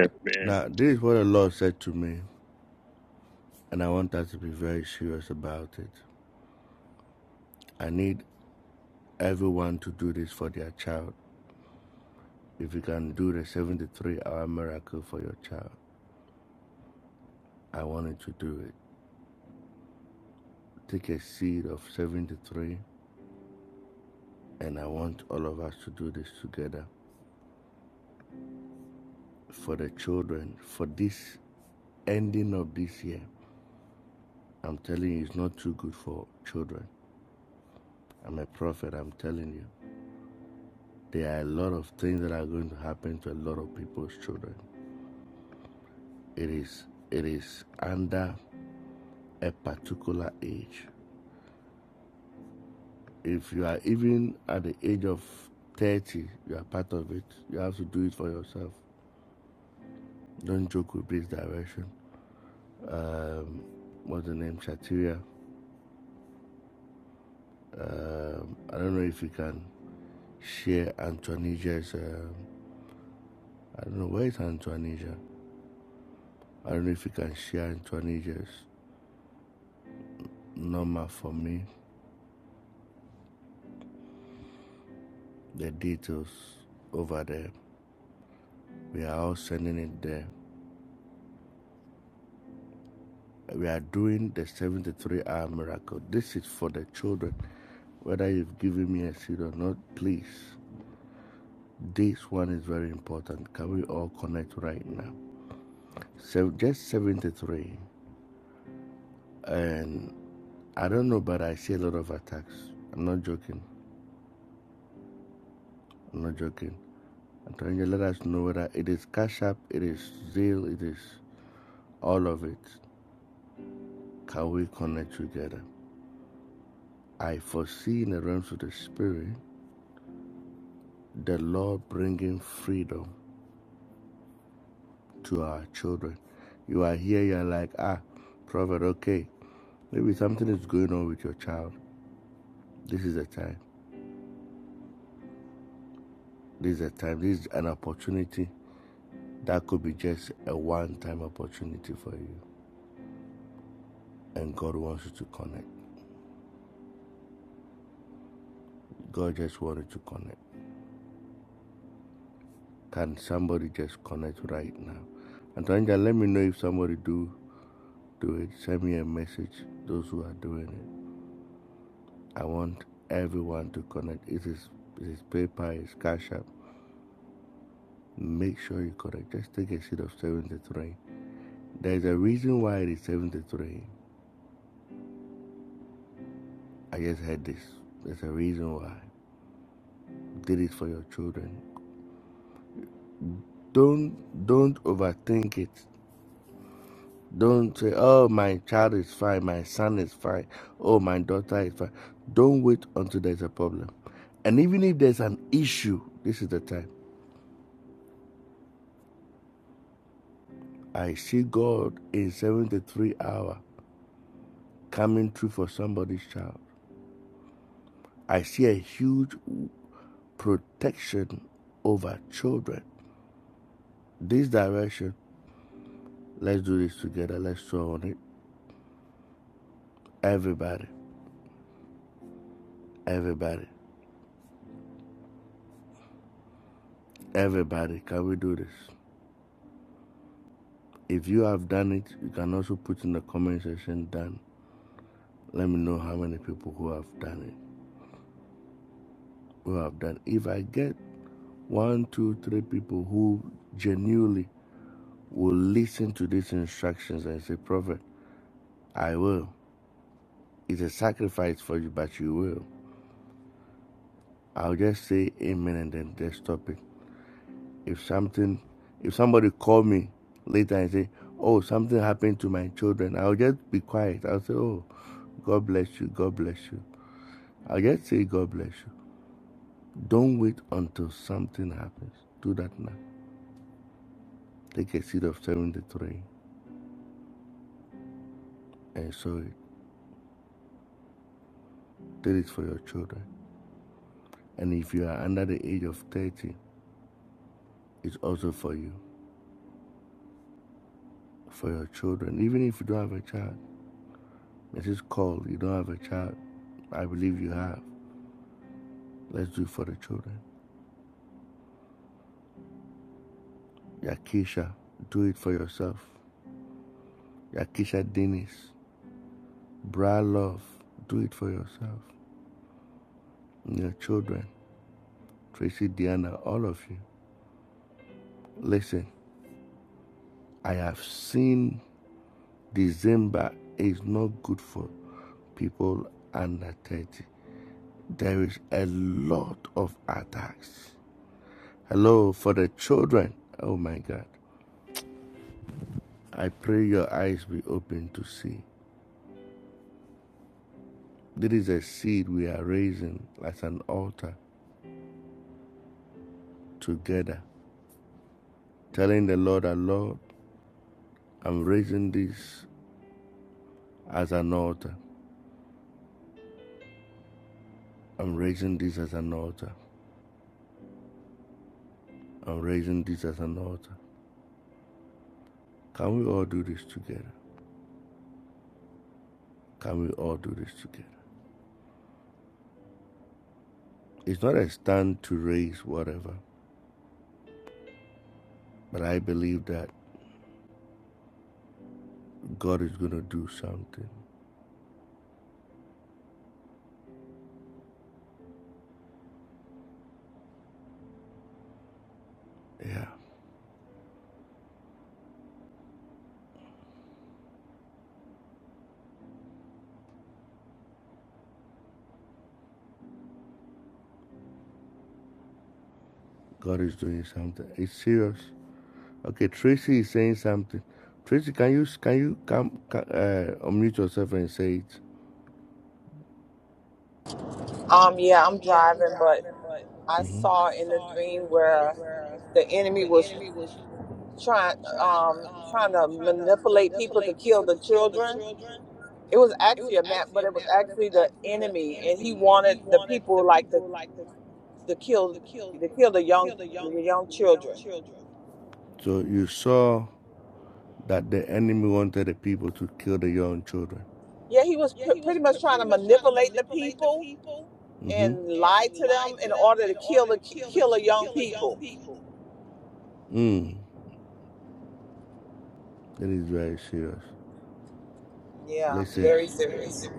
J: Um yeah, I'm driving, but I saw in the dream where the enemy was trying um trying to manipulate people to kill the children. It was actually a map, but it was actually the enemy, and he wanted the people like to to kill to kill the young the young children. Yeah, he was pr- pretty much trying to manipulate the people and lie to them in order to kill the kill the young people. Yeah, it's very serious.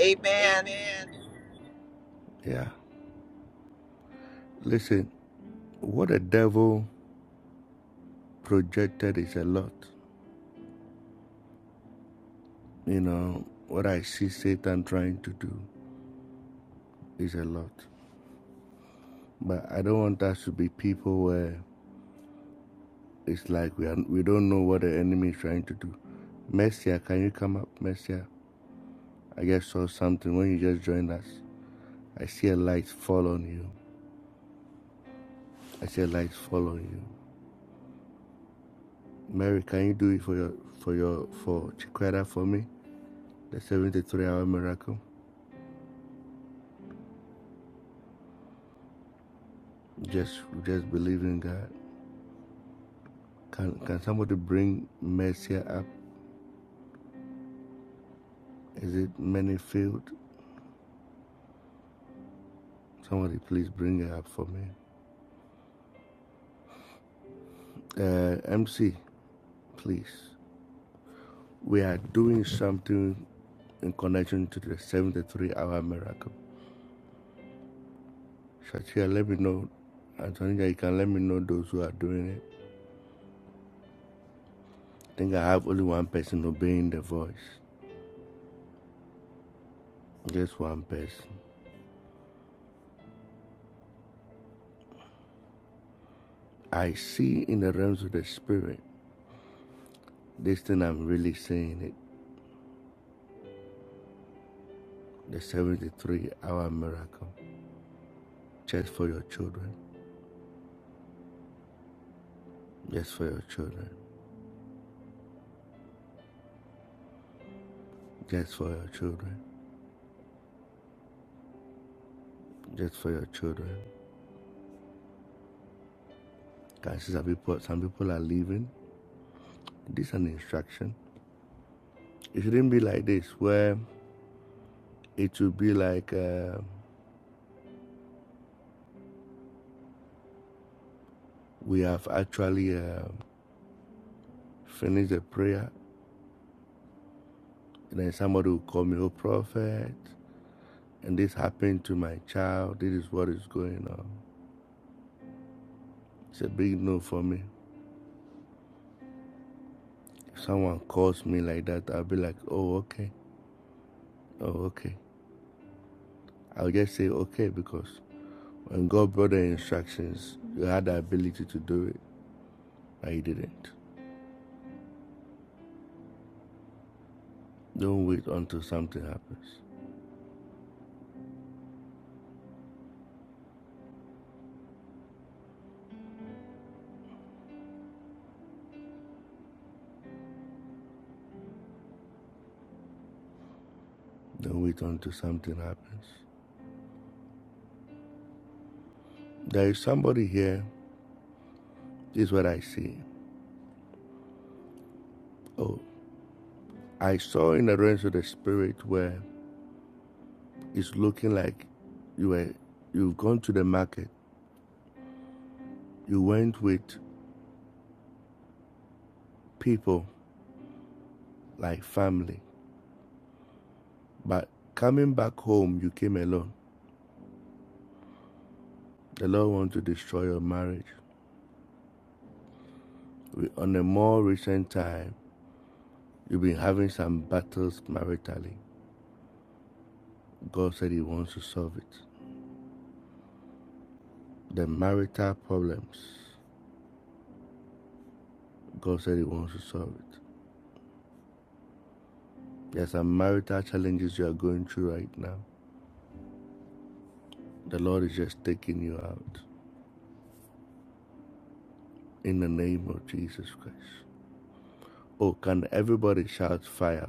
J: Amen.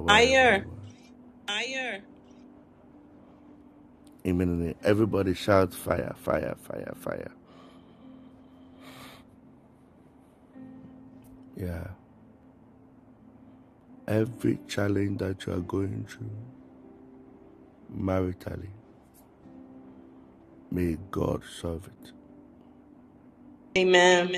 M: Fire. Amen.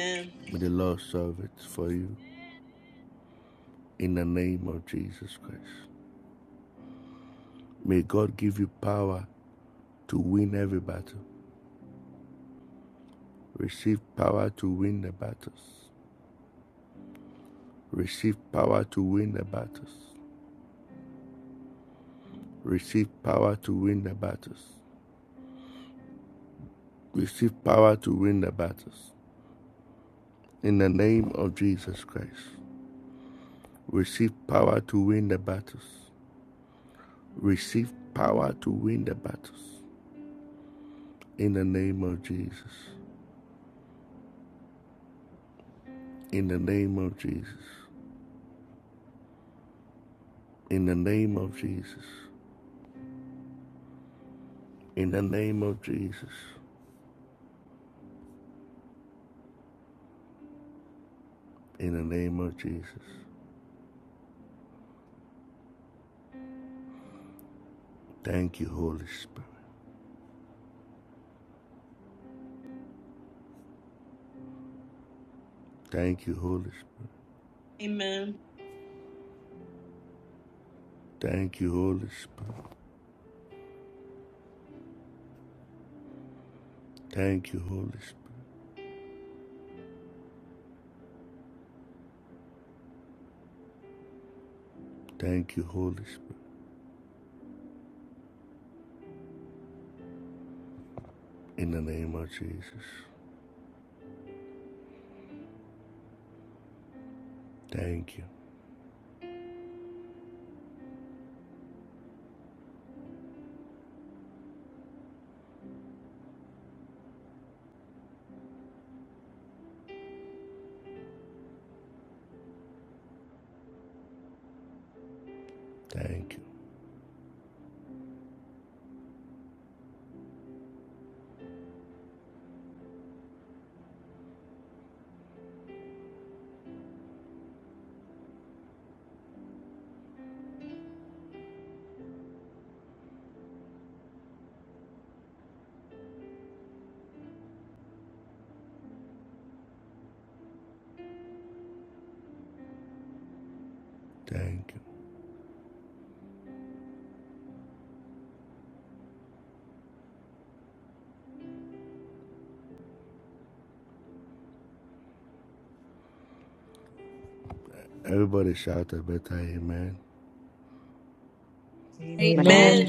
E: man.
M: Amen.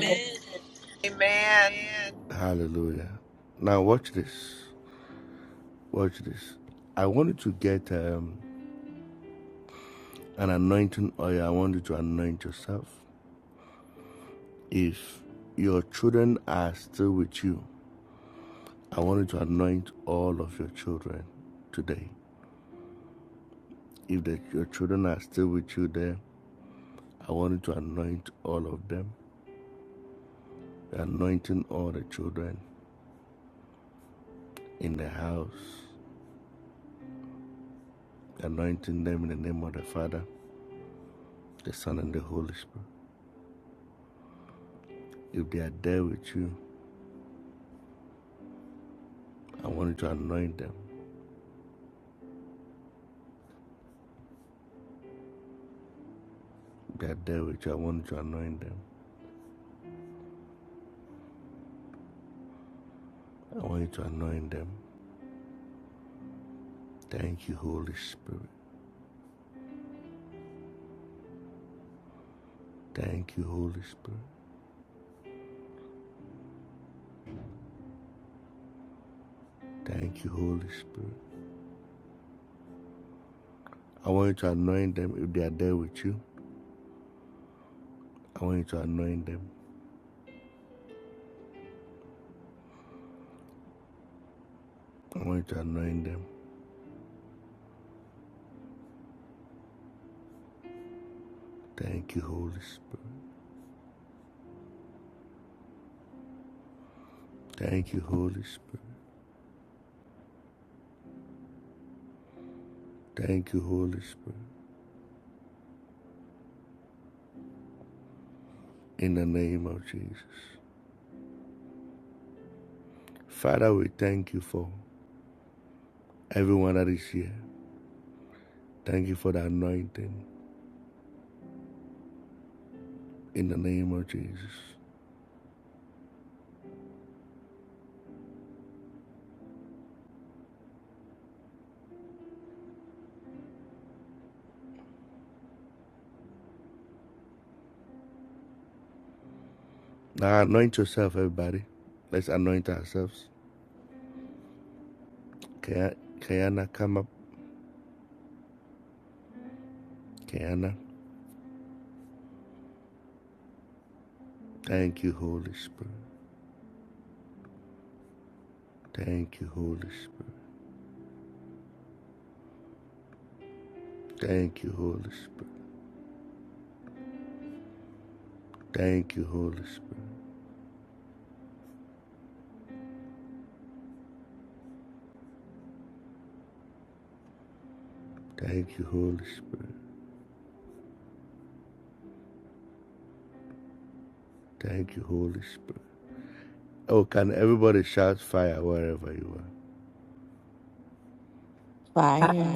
J: Amen.
E: Fire.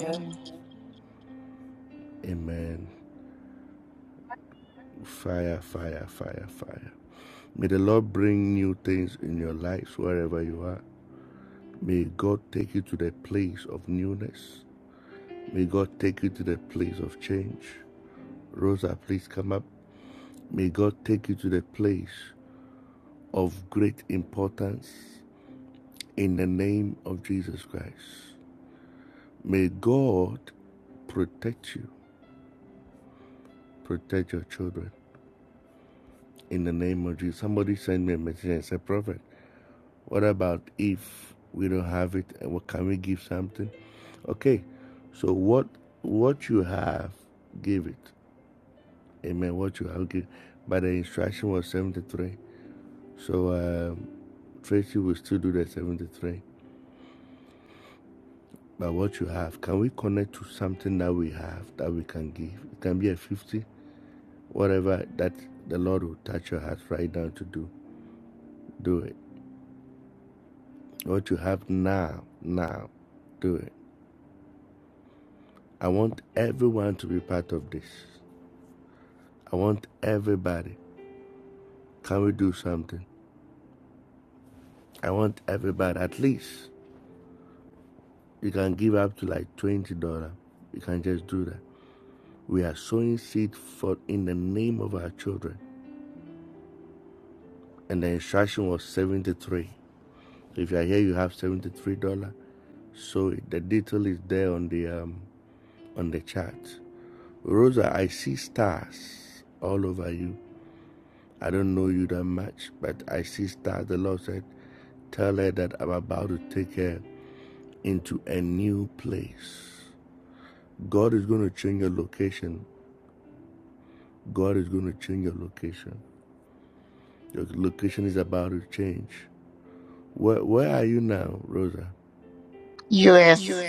N: U.S.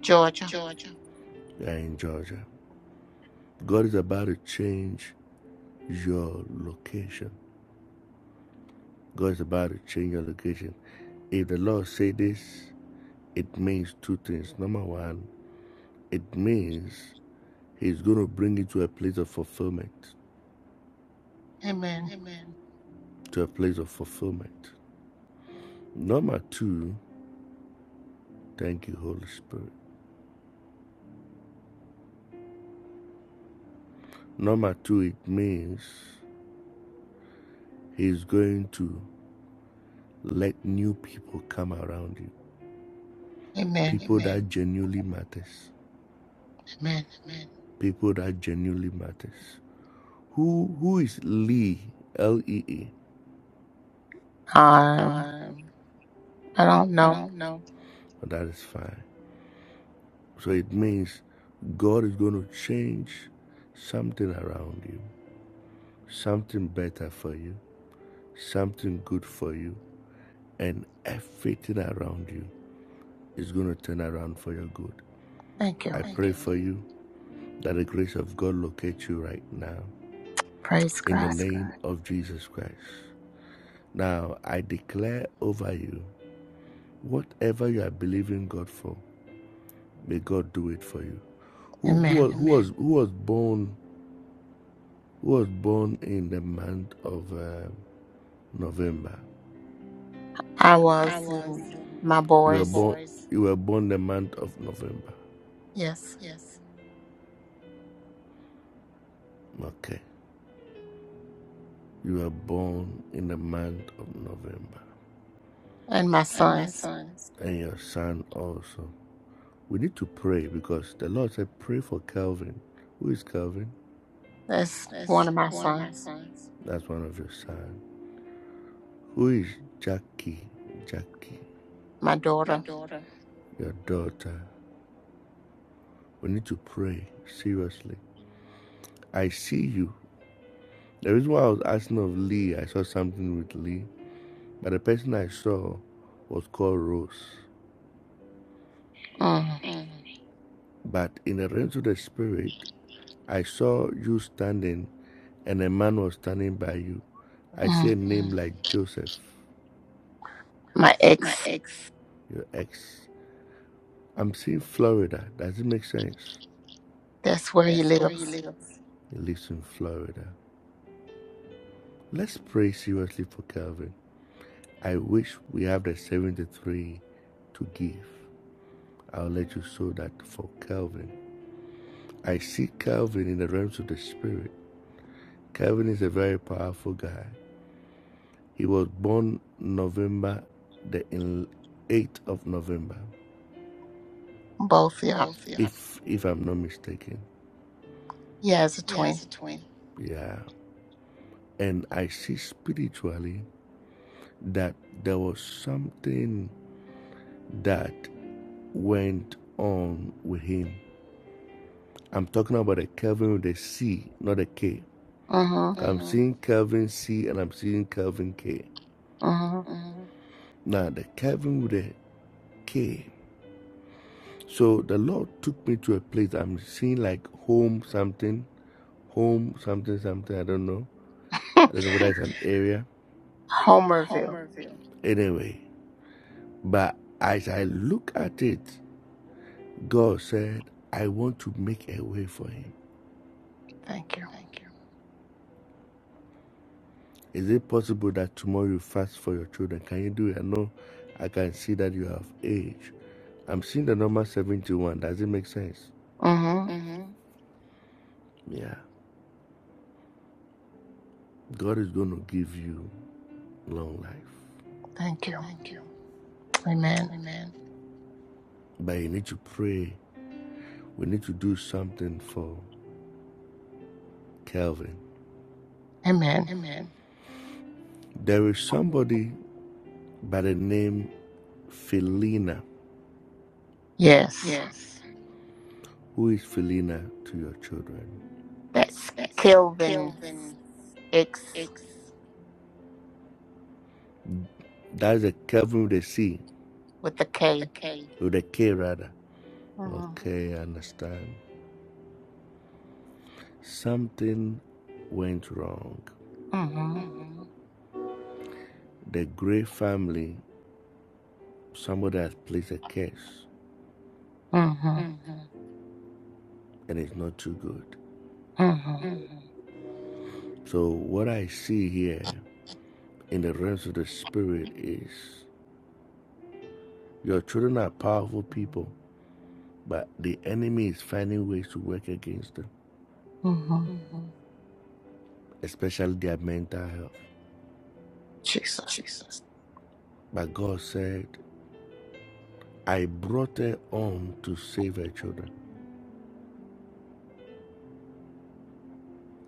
N: Georgia. Amen. Amen. Amen. Um, I don't know. Thank you. Praise God. Amen. I was and my boys. Yes, and my sons. That's one of my sons. My daughter. Mm, mm. My ex. That's where he lives. Both. Yeah. He has a twin. Mm-hmm. Mm-hmm. Homerville. Thank you. Mm-hmm. Thank you. Amen. Amen. Yes. That's Kelvin X with a K. Mm-hmm. Mm-hmm. Mm-hmm. Mm-hmm. Mm-hmm. Jesus.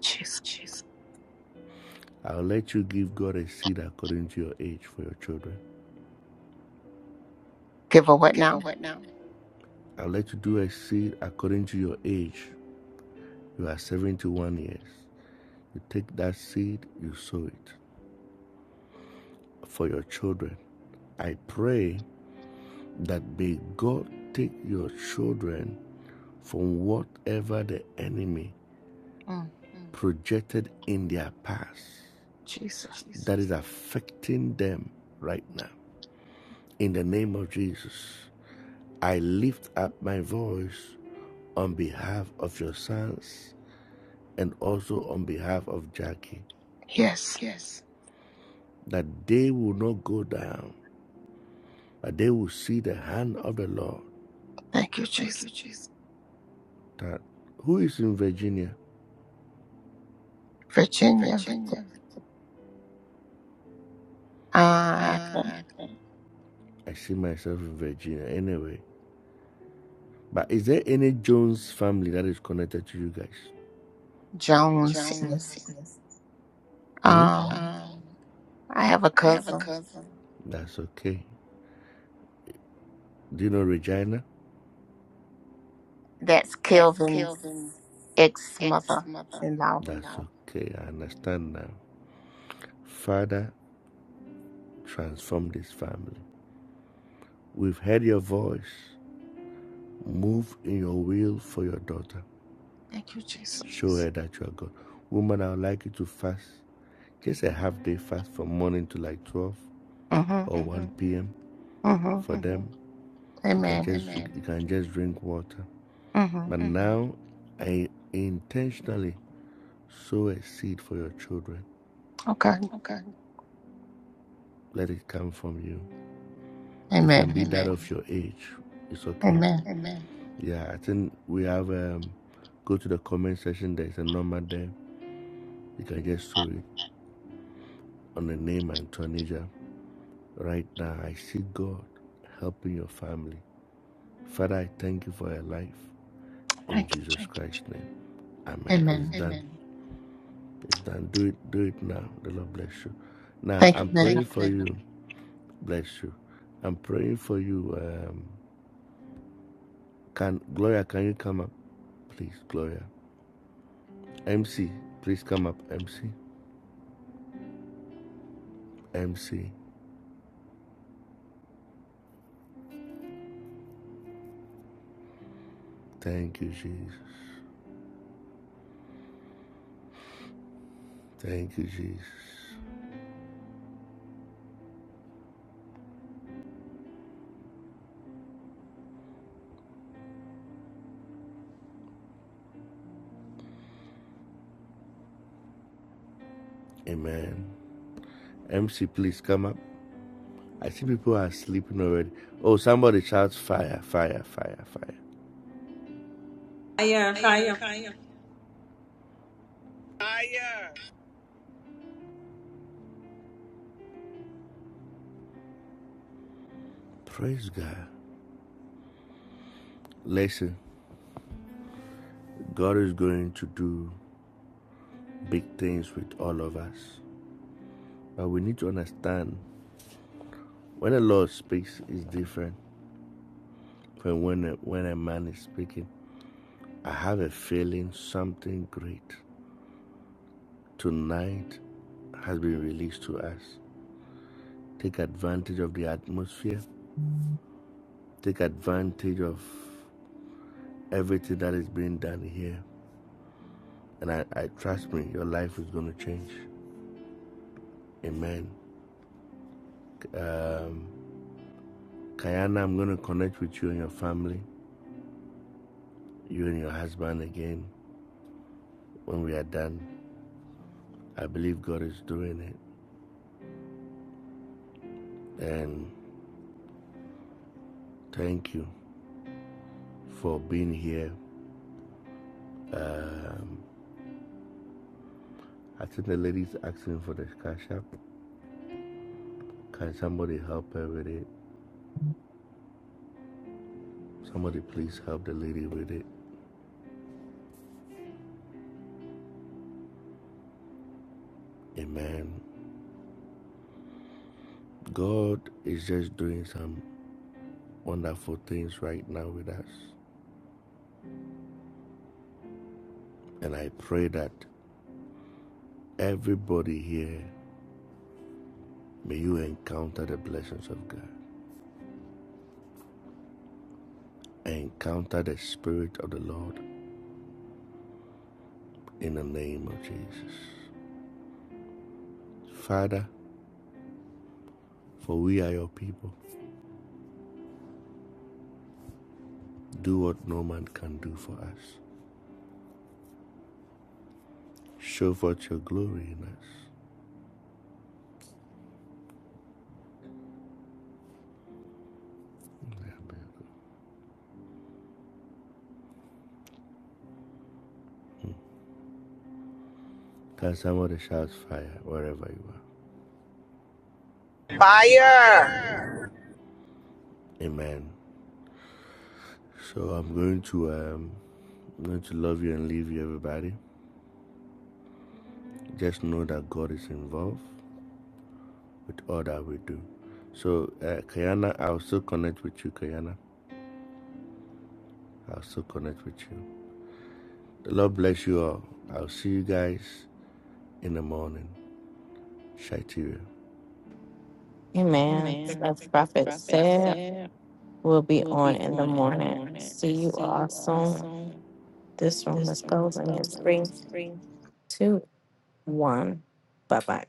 N: Jesus. Give her what now? Mm. Jesus. Yes. Thank you, Jesus. Virginia. Uh, Jones. Yes. Um, I have a cousin. That's Kelvin's ex-mother in law. Thank you, Jesus. Mm-hmm. Mm-hmm. Amen. Mm-hmm. Okay. Amen. Amen. Thank you. Amen. Thank you, man.
M: Fire, fire,
J: Fire.
E: Amen. As Prophet said, we'll be on in the morning. See you all soon. This room is closing in three, two, one. Bye bye.